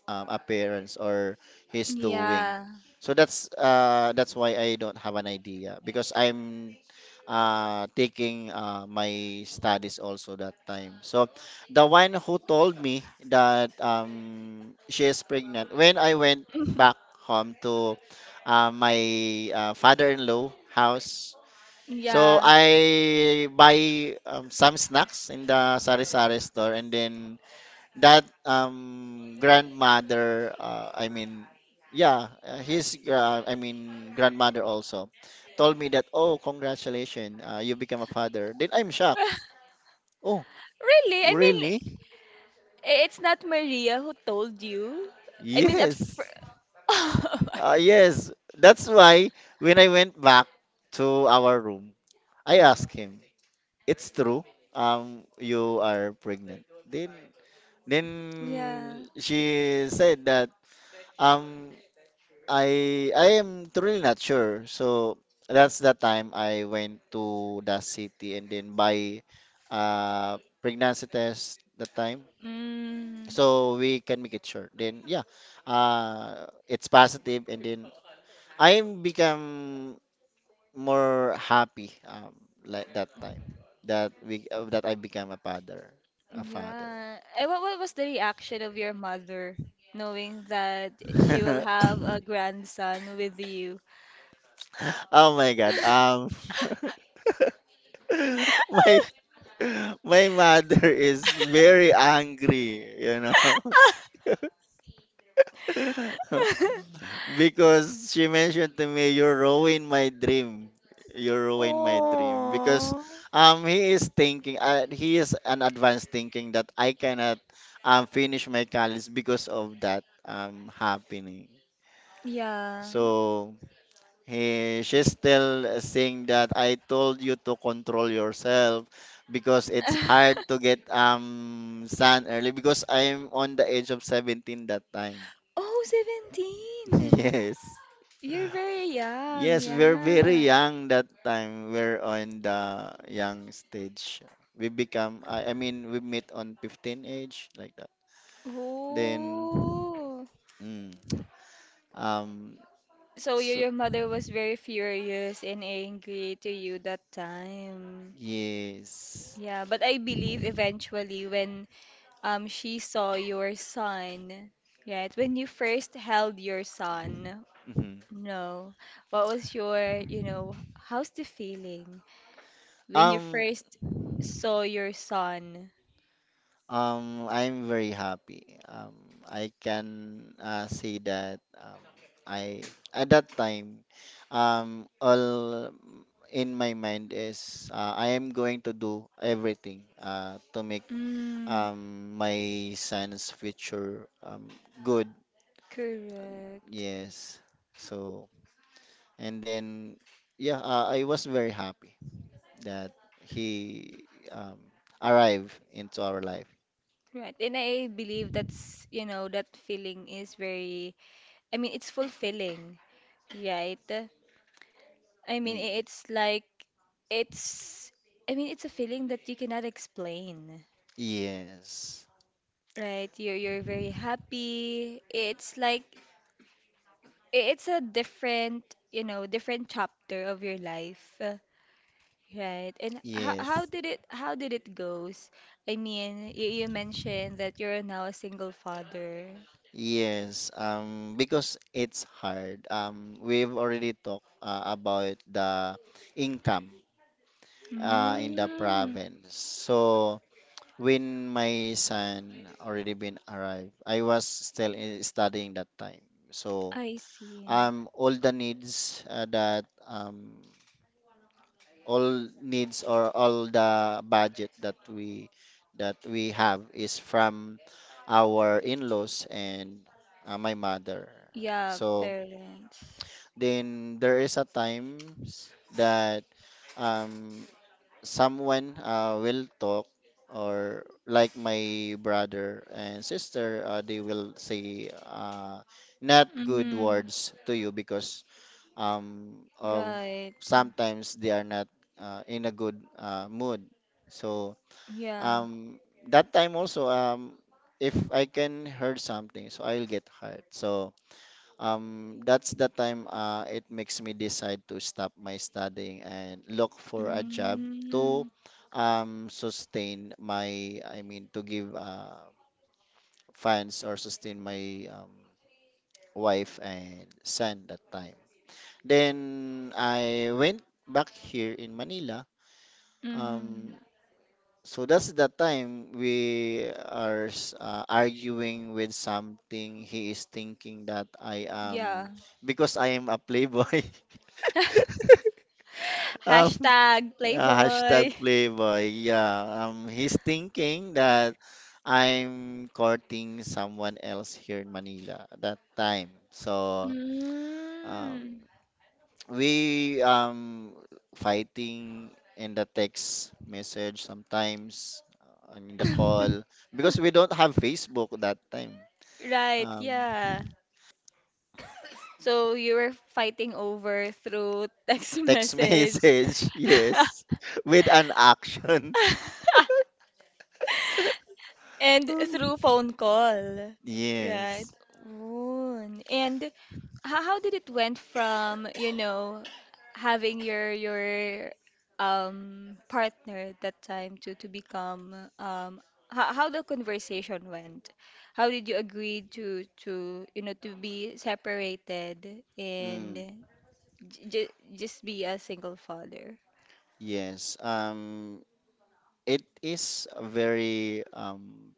S2: um, appearance or he's doing.
S1: Yeah.
S2: So that's uh, that's why I don't have an idea because I'm uh, taking uh, my studies also that time. So the one who told me that um, she is pregnant when I went back
S1: <laughs>
S2: home to uh, my uh, father-in-law house. So
S1: Yeah.
S2: I buy um, some snacks in the sari-sari store, and then that um grandmother uh, I mean yeah uh, his uh, I mean grandmother also told me that, "Oh, congratulations, uh, you become a father," then I'm shocked.
S1: <laughs>
S2: Oh,
S1: Really? I mean,
S2: really?
S1: i- it's not Maria who told you. I mean, at
S2: yes
S1: fir- <laughs>
S2: uh, yes That's why when I went back to our room, I asked him, "It's true, um you are pregnant?" Then then
S1: Yeah.
S2: she said that um I I am really not sure. So that's the time I went to the city and then buy uh pregnancy test that time,
S1: Mm.
S2: so we can make it sure. Then yeah, uh it's positive, and then I become more happy um like that time that we uh, that I become a father, a father.
S1: Yeah. And what, what was the reaction of your mother knowing that she will
S2: <coughs> <laughs>
S1: have a grandson with you?
S2: Oh my God. Um
S1: <laughs>
S2: <laughs> my <laughs> My mother is very angry, you know, <laughs> because she mentioned to me, "You ruined my dream. You ruined my dream." Because
S1: Oh.
S2: um, he is thinking, uh, he is an advanced thinking that I cannot um finish my college because of that um happening.
S1: Yeah.
S2: So He, she's still uh, saying that, "I told you to control yourself because it's hard
S1: <laughs>
S2: to get um sun early," because I'm on the age of seventeen that time.
S1: Oh,
S2: <laughs>
S1: seventeen!
S2: Yes.
S1: You're very young,
S2: Yes, we're
S1: yeah.
S2: very young that time. We're on the young stage. We become, I, I mean, we meet on fifteen age like that. Then,
S1: Oh.
S2: mm, um,
S1: So your
S2: so
S1: your mother was very furious and angry to you that time.
S2: Yes.
S1: Yeah, but I believe eventually, when, um she saw your son, right? When you first held your son,
S2: Mhm.
S1: no. What was your, you know, how's the feeling when you
S2: Um,
S1: first saw your son?
S2: Um, I'm very happy. Um, I can uh, say that um, I at that time, um, all in my mind is uh, I am going to do everything uh, to make
S1: Mm.
S2: um, my son's future um, good.
S1: Correct.
S2: Yes. So and then yeah, uh, I was very happy that he um, arrived into our life.
S1: Right. And I believe that's, you know, that feeling is very, I mean, it's fulfilling, right? I mean,
S2: Mm,
S1: i- it's like, it's, I mean, it's a feeling that you cannot explain,
S2: yes.
S1: right? You're, you're very happy. It's like, i- it's a different, you know, different chapter of your life, uh, right? And how, how
S2: Yes.
S1: did it, how did it goes? I mean, you, you mentioned that you're now a single father.
S2: Yes. Um, because it's hard. Um, we've already talked uh, about the income uh, in the
S1: Mm,
S2: province. So when my son already been arrived, I was still in, studying that time. So
S1: I see.
S2: um, all the needs uh, that um, all needs or all the budget that we that we have is from our in-laws and uh, my mother.
S1: Yeah,
S2: So
S1: parents.
S2: then there is a times that um, someone uh, will talk or like my brother and sister, uh, they will say uh, not good
S1: Mm,
S2: words to you because um, of
S1: right.
S2: sometimes they are not uh, in a good uh, mood. So
S1: Yeah.
S2: um, that time also, um, if I can hurt something, so I'll get hurt. So um, that's the time uh, it makes me decide to stop my studying and look for a job to
S1: Mm,
S2: um, sustain my, I mean, to give uh, funds or sustain my um, wife and son that time. Then I went back here in Manila.
S1: mm,
S2: Um, so that's the time we are s- uh, arguing with something. He is thinking that I
S1: yeah.
S2: am because I am a playboy. <laughs>
S1: <laughs>
S2: Um,
S1: Hashtag
S2: uh,
S1: Playboy.
S2: hashtag playboy. Yeah. Um, he's thinking that I'm courting someone else here in Manila at that time. So um,
S1: Mm.
S2: we um fighting in the text message sometimes uh, and in the call
S1: <laughs>
S2: because we don't have Facebook that time.
S1: Right,
S2: Um,
S1: yeah. So you were fighting over through text <laughs>
S2: text <laughs>
S1: message.
S2: message, yes, <laughs> with an action. <laughs>
S1: <laughs> And through phone call, right?
S2: Yes.
S1: Ooh. And how, how did it went from, you know, having your your um partner at that time to, to become, um how, how the conversation went? How did you agree to, to you know to be separated, and
S2: Mm,
S1: j j just be a single father?
S2: yes. Um, it is a very um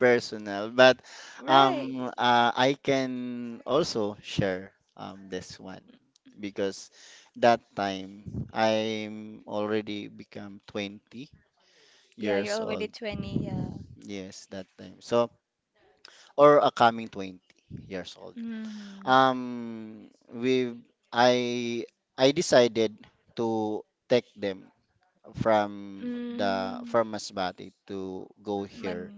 S2: personal, but um,
S1: Right.
S2: uh, I can also share um, this one because that time I'm already become twenty
S1: Yeah, you're
S2: years
S1: already
S2: old.
S1: twenty, yeah.
S2: Yes, that time. So, or a coming twenty years old.
S1: Mm-hmm.
S2: Um, we I I decided to take them from the
S1: Mm.
S2: from Masbate to go
S1: Man
S2: here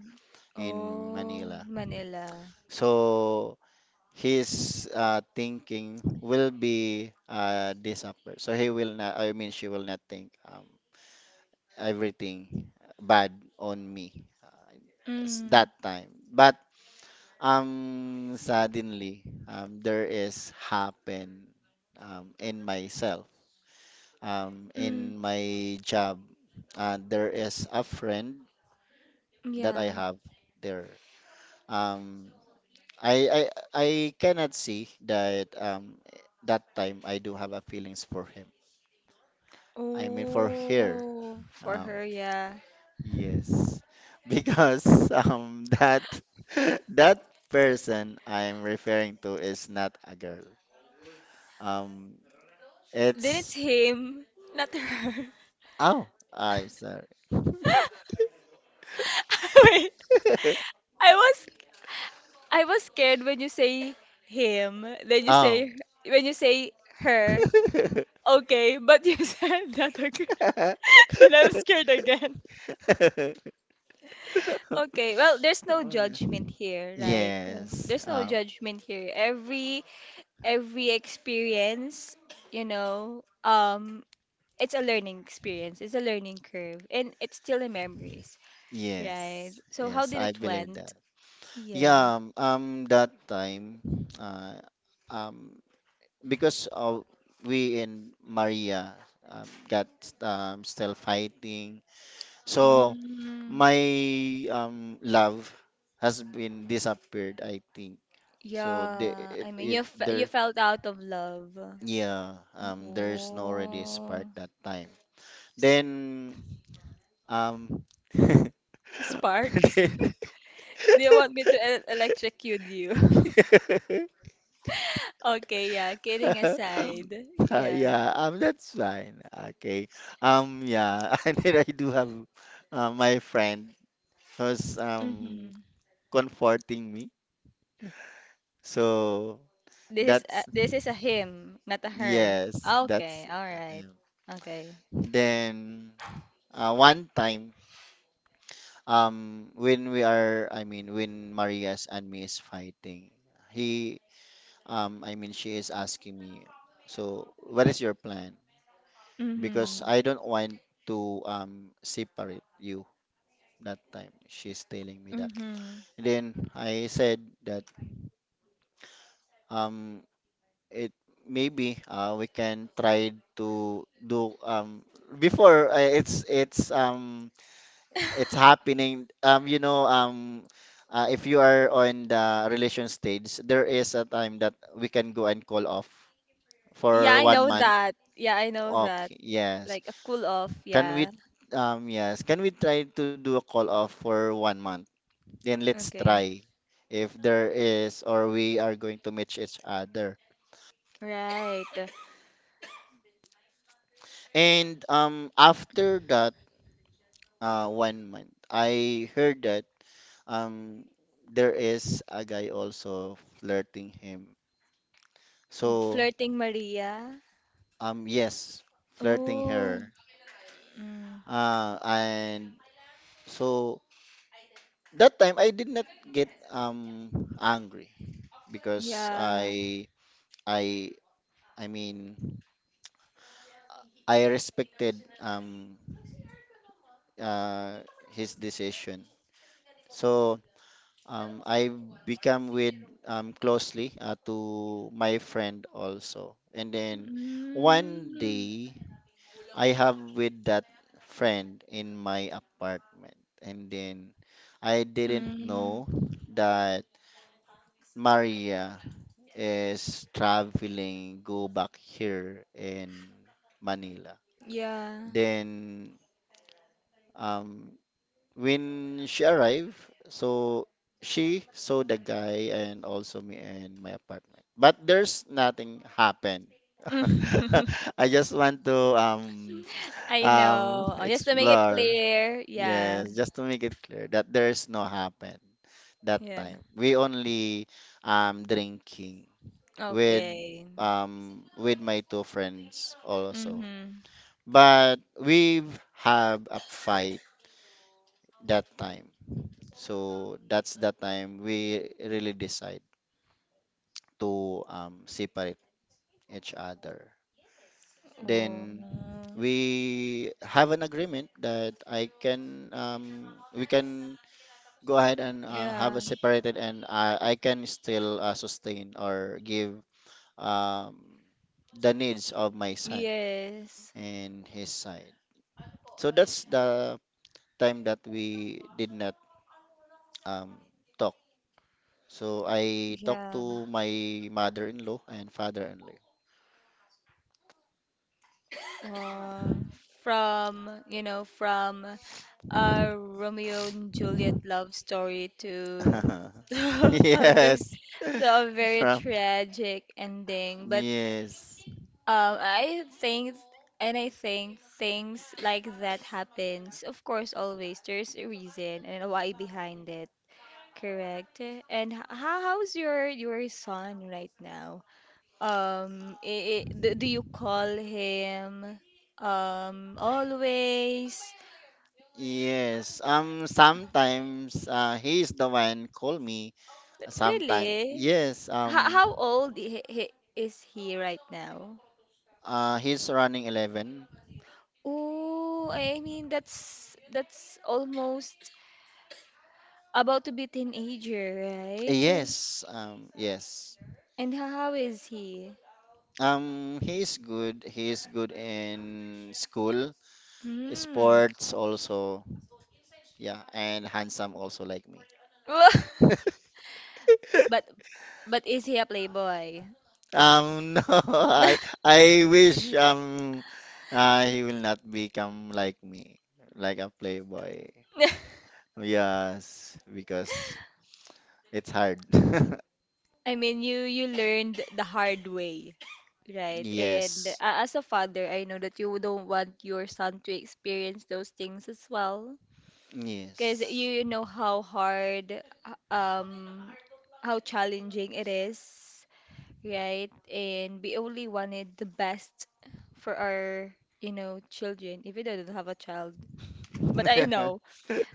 S2: in
S1: Oh,
S2: Manila.
S1: Manila.
S2: So his uh, thinking will be uh, this upper. So he will not, I mean, she will not think um, everything bad on me uh, s-
S1: Mm.
S2: that time. But um, suddenly, um, there is happen um, in myself, um, in
S1: Mm,
S2: my job. Uh, there is a friend that I
S1: yeah.
S2: have there. Um, I I I cannot see that um that time I do have a feelings for him. I mean for her.
S1: Oh, for
S2: Um
S1: her, yeah.
S2: yes. Because <laughs> um that <laughs> that person I'm referring to is not a girl. Um
S1: Then it's
S2: it's
S1: him, not her.
S2: oh, I'm sorry. <laughs>
S1: <laughs> Wait, I was I was scared when you say him, then you
S2: Oh.
S1: say, when you say her.
S2: <laughs>
S1: Okay, but you <laughs> said that, okay. <laughs> Then I'm scared again. Okay, well, there's no judgment here, right? Uh,
S2: Yes.
S1: There's no
S2: Um
S1: judgment here. Every every experience, you know, um, it's a learning experience. It's a learning curve, and it's still in memories,
S2: yes.
S1: right? So how
S2: Yes,
S1: did
S2: I
S1: it
S2: believe
S1: went?
S2: that.
S1: Yeah.
S2: Yeah, um, um, that time, uh, um, because of we and Maria um, got um, still fighting, so
S1: Mm,
S2: my um love has been disappeared, I think. So the
S1: yeah.
S2: it,
S1: I mean, you
S2: it
S1: f you
S2: there,
S1: felt out of love.
S2: yeah, um, there's no already spark
S1: Oh,
S2: that time.
S1: s-
S2: Then um,
S1: spark. <laughs> Do you want me to e- electrocute you? <laughs>
S2: <laughs>
S1: Okay, yeah. Kidding
S2: <laughs>
S1: aside,
S2: Uh,
S1: yeah.
S2: yeah, um, that's fine. Okay. Um, yeah, <laughs> and then I do have uh, my friend who's um
S1: Mm-hmm.
S2: comforting me. So
S1: This is a,
S2: that's
S1: this is a him, not a her.
S2: yes, that's
S1: Okay, all right.
S2: um,
S1: Okay.
S2: then uh, one time um when we are I mean when Marias and me is fighting, he um I mean she is asking me, so what is your plan?
S1: Mhm.
S2: Because I don't want to um separate you. That time. She's telling me that.
S1: Mhm.
S2: Then I said that um it maybe uh we can try to do um before uh, it's it's um it's
S1: <laughs>
S2: happening um you know um uh, if you are on the relation stage, there is a time that we can go and call off
S1: Yeah,
S2: for
S1: I
S2: one
S1: know
S2: month.
S1: that. Yeah, I know that.
S2: Okay, yes.
S1: Like a cool off,
S2: Can we
S1: yeah.
S2: um yes, can we try to do a call off for one month? Then let's
S1: Okay.
S2: try if there is or we are going to match each other.
S1: Right.
S2: And um after that uh one month, I heard that um there is a guy also flirting him. So
S1: Flirting Maria.
S2: um yes, flirting
S1: Oh.
S2: her.
S1: Mm.
S2: Uh and so that time I did not get um angry because
S1: Yeah.
S2: I I I mean I respected um uh, his decision. So um, I become with um, closely uh, to my friend also. And then one
S1: Mm.
S2: day I have with that friend in my apartment. And then I didn't
S1: Mm.
S2: know that Maria is traveling go back here in Manila.
S1: Yeah.
S2: Then um, when she arrived, so she saw the guy and also me and my apartment. But there's nothing happened. <laughs>
S1: <laughs>
S2: I just want to um
S1: I
S2: um
S1: know. Oh, just to make it
S2: explore.
S1: clear. Yeah.
S2: Yes, just to make it clear that there's no happen that
S1: Yeah.
S2: time. We only um drinking with
S1: Okay.
S2: um with my two friends also.
S1: Mm-hmm.
S2: But we have a fight that time. So that's the time we really decide to um, separate each other.
S1: Oh.
S2: Then we have an agreement that I can um, we can go ahead and uh, have a
S1: Yeah.
S2: separated, and I, I can still uh, sustain or give um, the needs of my son
S1: Yes.
S2: and his side. So that's the time that we did not um, talk. So I talked
S1: Yeah.
S2: to my mother-in-law and father-in-law.
S1: Wow. From, you know, from a Romeo and Juliet love story to
S2: <laughs>
S1: <laughs> a very,
S2: Yes,
S1: to a very
S2: from
S1: tragic ending. But,
S2: yes,
S1: um, I think, and I think things like that happens. Of course, always there's a reason and a why behind it. Correct. And h- how how's your your son right now? Um, I I do, do you call him, um always?
S2: yes. Um, sometimes uh, he is the one call me. Sometimes
S1: Really?
S2: yes.
S1: How
S2: Um,
S1: how old he, he, is he right now?
S2: uh, he's running eleven.
S1: Oh, I mean, that's that's almost about to be teenager, right?
S2: Yes. Um, yes.
S1: And how, how is he?
S2: Um, he is good. He is good in school,
S1: Hmm.
S2: sports also. Yeah, and handsome also like me.
S1: <laughs> But but is he a playboy?
S2: Um, <laughs> no, I I wish um uh, he will not become like me, like a playboy.
S1: <laughs>
S2: Yes, because it's hard. <laughs>
S1: I mean, you you learned the hard way, right? And, uh,
S2: Yes.
S1: as a father, I know that you don't want your son to experience those things as well, because
S2: Yes.
S1: you know how hard, uh, um, how challenging it is, right? And we only wanted the best for our, you know, children, even though I don't have a child. But I
S2: <laughs>
S1: know.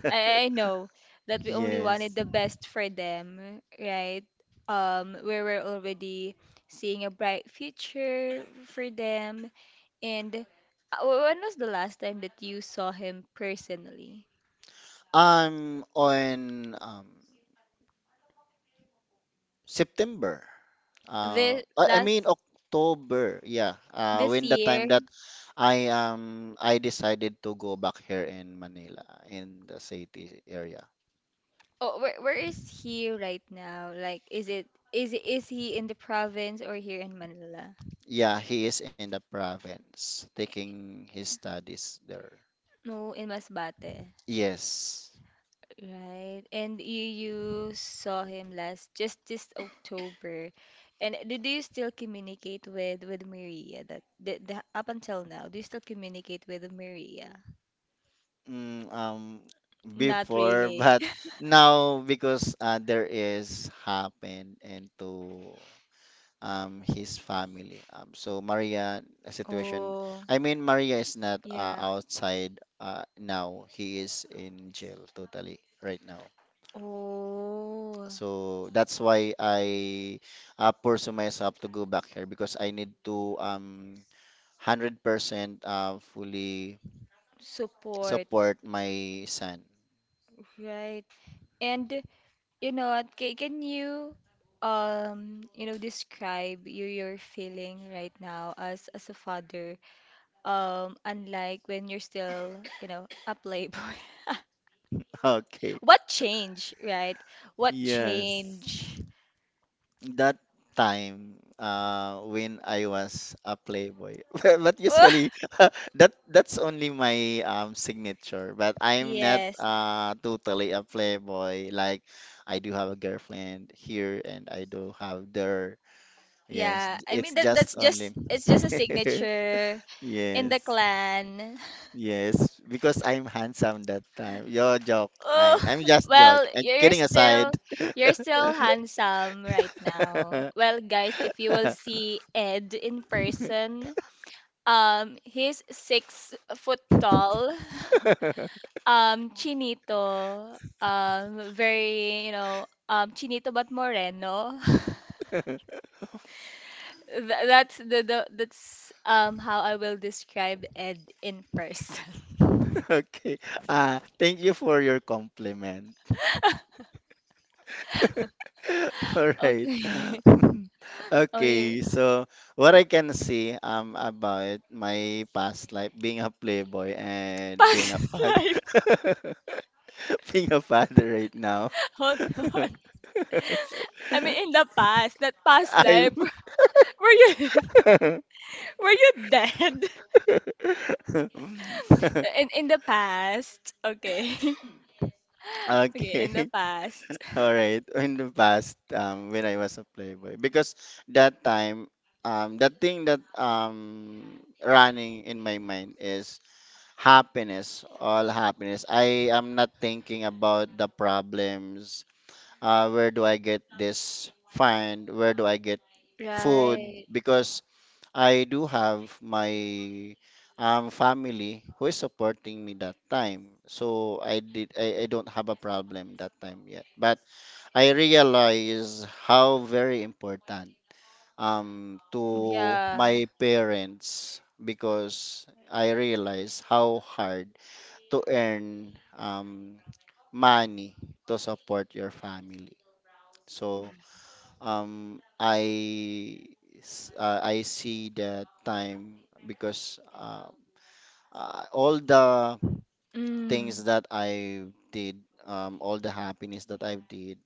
S1: I, I know that we only wanted
S2: Yes.
S1: the best for them, right? Um, we were already seeing a bright future for them. And, uh, when was the last time that you saw him personally?
S2: I'm on um September. Uh,
S1: The
S2: I, I mean
S1: last,
S2: October, yeah. Uh,
S1: this
S2: when the time
S1: year?
S2: that I um I decided to go back here in Manila, in the city area.
S1: Oh, where where is he right now? Like, is it, is is he in the province or here in Manila?
S2: Yeah, he is in the province taking his studies there.
S1: No, in Masbate.
S2: Yes.
S1: Right. And you you saw him last just this October. And do, do you still communicate with, with Maria, that, the, the up until now, do you still communicate with Maria?
S2: Mm, um,
S1: Not
S2: before, <laughs>
S1: really.
S2: but
S1: <laughs>
S2: now because uh, there is happen into um his family. Um, so Maria a situation.
S1: Oh,
S2: I mean Maria is not uh,
S1: yeah.
S2: outside uh, now. He is in jail totally right now.
S1: Oh,
S2: So that's why I uh, pursue myself to go back here because I need to um one hundred percent uh, fully
S1: support.
S2: support my son. <laughs>
S1: Right. And you know what, ca- can you, um, you know, describe your your feeling right now as as a father? Um, unlike when you're still, you know, a playboy. <laughs>
S2: Okay.
S1: What change, right? What
S2: Yes.
S1: change?
S2: That time, uh, when I was a playboy, <laughs> but but usually
S1: <laughs>
S2: <laughs> that that's only my um, signature. But I'm not
S1: Yes.
S2: uh, totally a playboy. Like I do have a girlfriend here, and I do have there. Yes,
S1: Yeah. I mean,
S2: it's
S1: that
S2: just
S1: that's just
S2: only.
S1: it's just a
S2: <laughs>
S1: signature in the
S2: Yes.
S1: clan. <laughs>
S2: Yes, because I'm handsome that time. Your joke.
S1: Oh,
S2: I'm I'm
S1: <laughs>
S2: just joke.
S1: well,
S2: And
S1: you're
S2: kidding aside.
S1: still you're still handsome right now. Well, guys, if you will
S2: <laughs>
S1: see Ed in person,
S2: <laughs>
S1: um, he's six foot tall. <laughs> Um chinito, um very, you know, um chinito but moreno. <laughs> Th- that's the, the that's um how I will describe Ed in person. <laughs>
S2: Okay. Uh, thank you for your compliment. <laughs> All right.
S1: Okay. <laughs>
S2: <laughs>
S1: Okay.
S2: Okay, so what I can say um about my past life being a playboy and being
S1: Past
S2: a
S1: <laughs>
S2: father
S1: life.
S2: <laughs> being a father right now.
S1: Hold on. I mean, in the past, not
S2: <laughs>
S1: past life.
S2: I'm
S1: <laughs> Were you <laughs> were you dead? <laughs> In
S2: <laughs>
S1: in the past. Okay. <laughs> Okay, in the
S2: okay.
S1: past.
S2: All right, in the past, um, when I was a playboy, because that time, um, the thing that um running in my mind is happiness, all happiness. I am not thinking about the problems. Uh, where do I get this find? Where do I get food?
S1: Right.
S2: Because I do have my um family who is supporting me that time. So I did I, I don't have a problem that time yet. But I realize how very important um to
S1: Yeah.
S2: my parents, because I realize how hard to earn um money to support your family. So um I s- uh, I see the time because uh, uh, all the
S1: Mm.
S2: things that I did, um all the happiness that I did,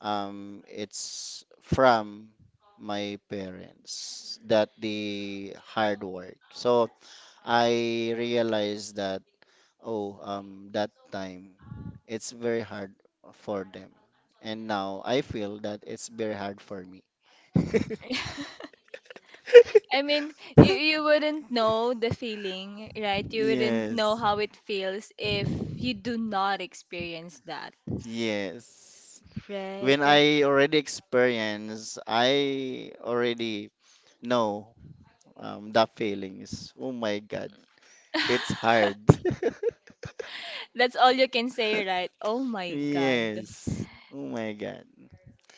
S2: um, it's from my parents that they hard work. So I realized that, oh, um, that time it's very hard for them, and now I feel that it's very hard for me.
S1: <laughs> I mean, you you wouldn't know the feeling, right? You wouldn't know
S2: Yes.
S1: how it feels if you do not experience that.
S2: Yes. When
S1: Right.
S2: I already experience, I already know um, the feelings. Oh my God, it's hard. <laughs>
S1: That's all you can say, right? Oh my God.
S2: Yes. Oh my God.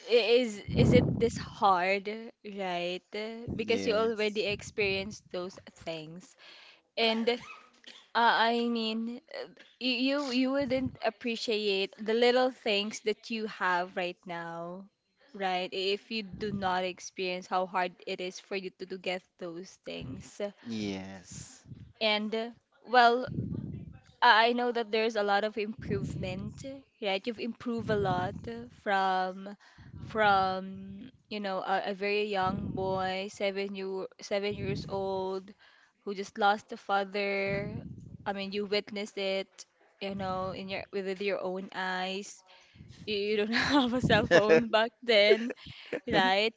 S1: I- Is is it this hard, right? Because you already
S2: Yes.
S1: experienced those things. And, uh, I mean, You you you wouldn't appreciate the little things that you have right now, right? If you do not experience how hard it is for you to, to get those things.
S2: Yes.
S1: And, uh, well, I I know that there's a lot of improvement, right? You've improved a lot from from you know, a, a very young boy, seven you, seven years old, who just lost a father. I mean, you witnessed it, you know, in your, with your own eyes. You, you don't <laughs> have a cell phone back
S2: <laughs>
S1: then, right?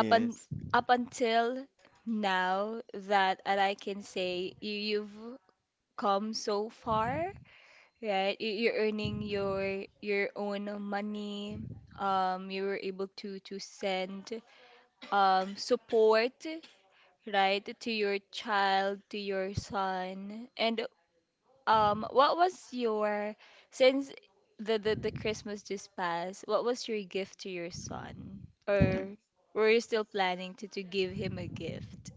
S1: Up un, up until now that, and I can say you you've come so far, right? You, you're earning your your own money. Um, you were able to, to send, um support, right, to your child, to your son. And, um, what was your, since the, the the Christmas just passed, what was your gift to your son? Or
S2: <laughs>
S1: were you still planning to, to give him a gift?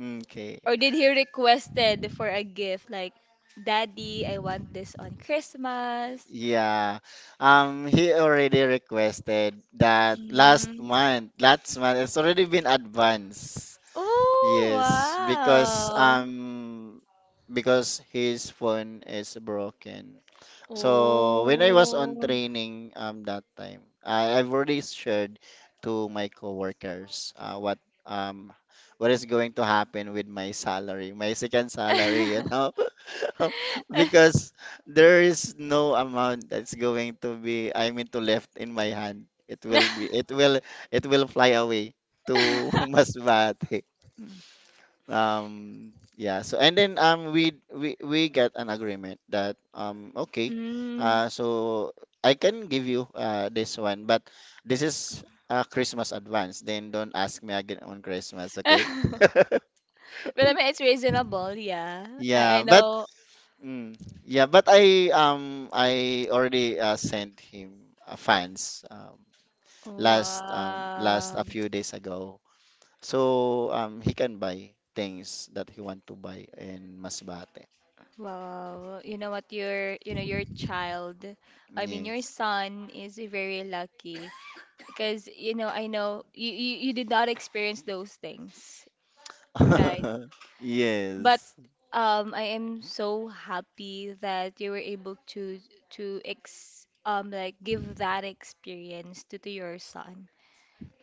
S2: Okay.
S1: Or did he requested for a gift, like, "Daddy, I want this on Christmas."
S2: Yeah. Um, he already requested that last
S1: Mm.
S2: month. Last month, it's already been advanced.
S1: Oh,
S2: Yes, because
S1: wow.
S2: um, because his phone is broken. So when I was on
S1: Oh.
S2: training um that time, I, I've already shared to my coworkers uh, what um what is going to happen with my salary, my second salary, you know, <laughs> because
S1: <laughs>
S2: there is no amount that's going to be I mean to left in my hand. It will be it will it will fly away to <laughs>
S1: <laughs>
S2: Masbate. Um, yeah. So and then um we we we get an agreement that, um, okay,
S1: Mm.
S2: uh so I can give you uh this one, but this is a Christmas advance. Then don't ask me again on Christmas, okay?
S1: <laughs>
S2: <laughs>
S1: But I mean, it's reasonable, yeah. I, I
S2: Yeah, but
S1: know.
S2: mm, yeah, but I um I already uh, sent him uh, funds um last um last a
S1: Wow.
S2: few days ago. So um he can buy things that he want to buy in Masbate.
S1: Wow. You know what? Your, you know, your child, I mean, your
S2: Yes.
S1: son is very lucky because, you know, I know you, you, you did not experience those things, right?
S2: <laughs>
S1: But,
S2: Yes.
S1: um, I am so happy that you were able to to ex um like, give that experience to, to your son,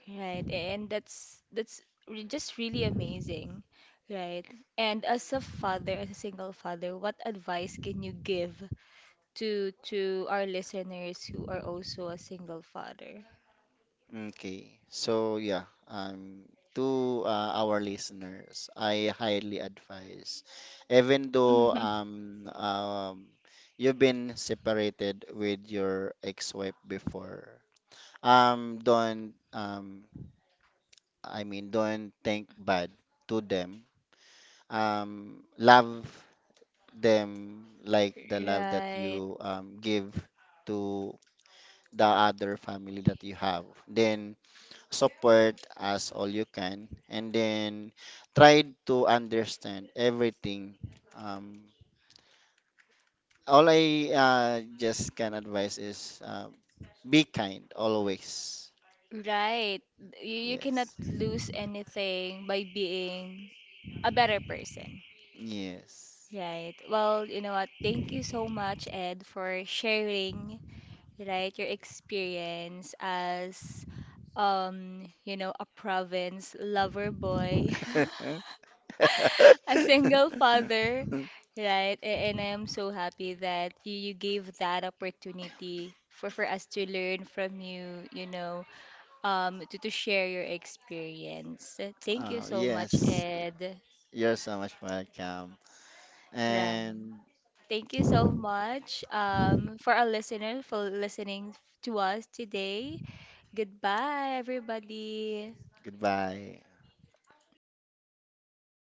S1: right? And that's that's re- just really amazing, right? And as a father, as a single father, what advice can you give to, to our listeners who are also a single father?
S2: Okay. So yeah, um, to uh, our listeners, I highly advise, even though
S1: <laughs>
S2: um, um, you've been separated with your ex-wife before, um, don't um, I mean, don't think bad to them. Um, love them like the love that
S1: Right.
S2: you um, give to the other family that you have. Then support as all you can, and then try to understand everything. Um, all I uh, just can advise is uh, be kind always.
S1: Right. You, you cannot
S2: Yes,
S1: lose anything by being a better person.
S2: yes.
S1: Right. Well, you know what? Thank you so much, Ed, for sharing, right, your experience as, um, you know, a province lover boy,
S2: <laughs>
S1: <laughs> a single father, right? A- And I am so happy that you, you gave that opportunity for for us to learn from you, you know, um, to, to share your experience. Thank you
S2: Uh,
S1: so much,
S2: yes,
S1: Ed.
S2: you're so much welcome,
S1: Ryan.
S2: and
S1: Thank you so much, um, for our listeners for listening to us today. Goodbye, everybody.
S2: goodbye.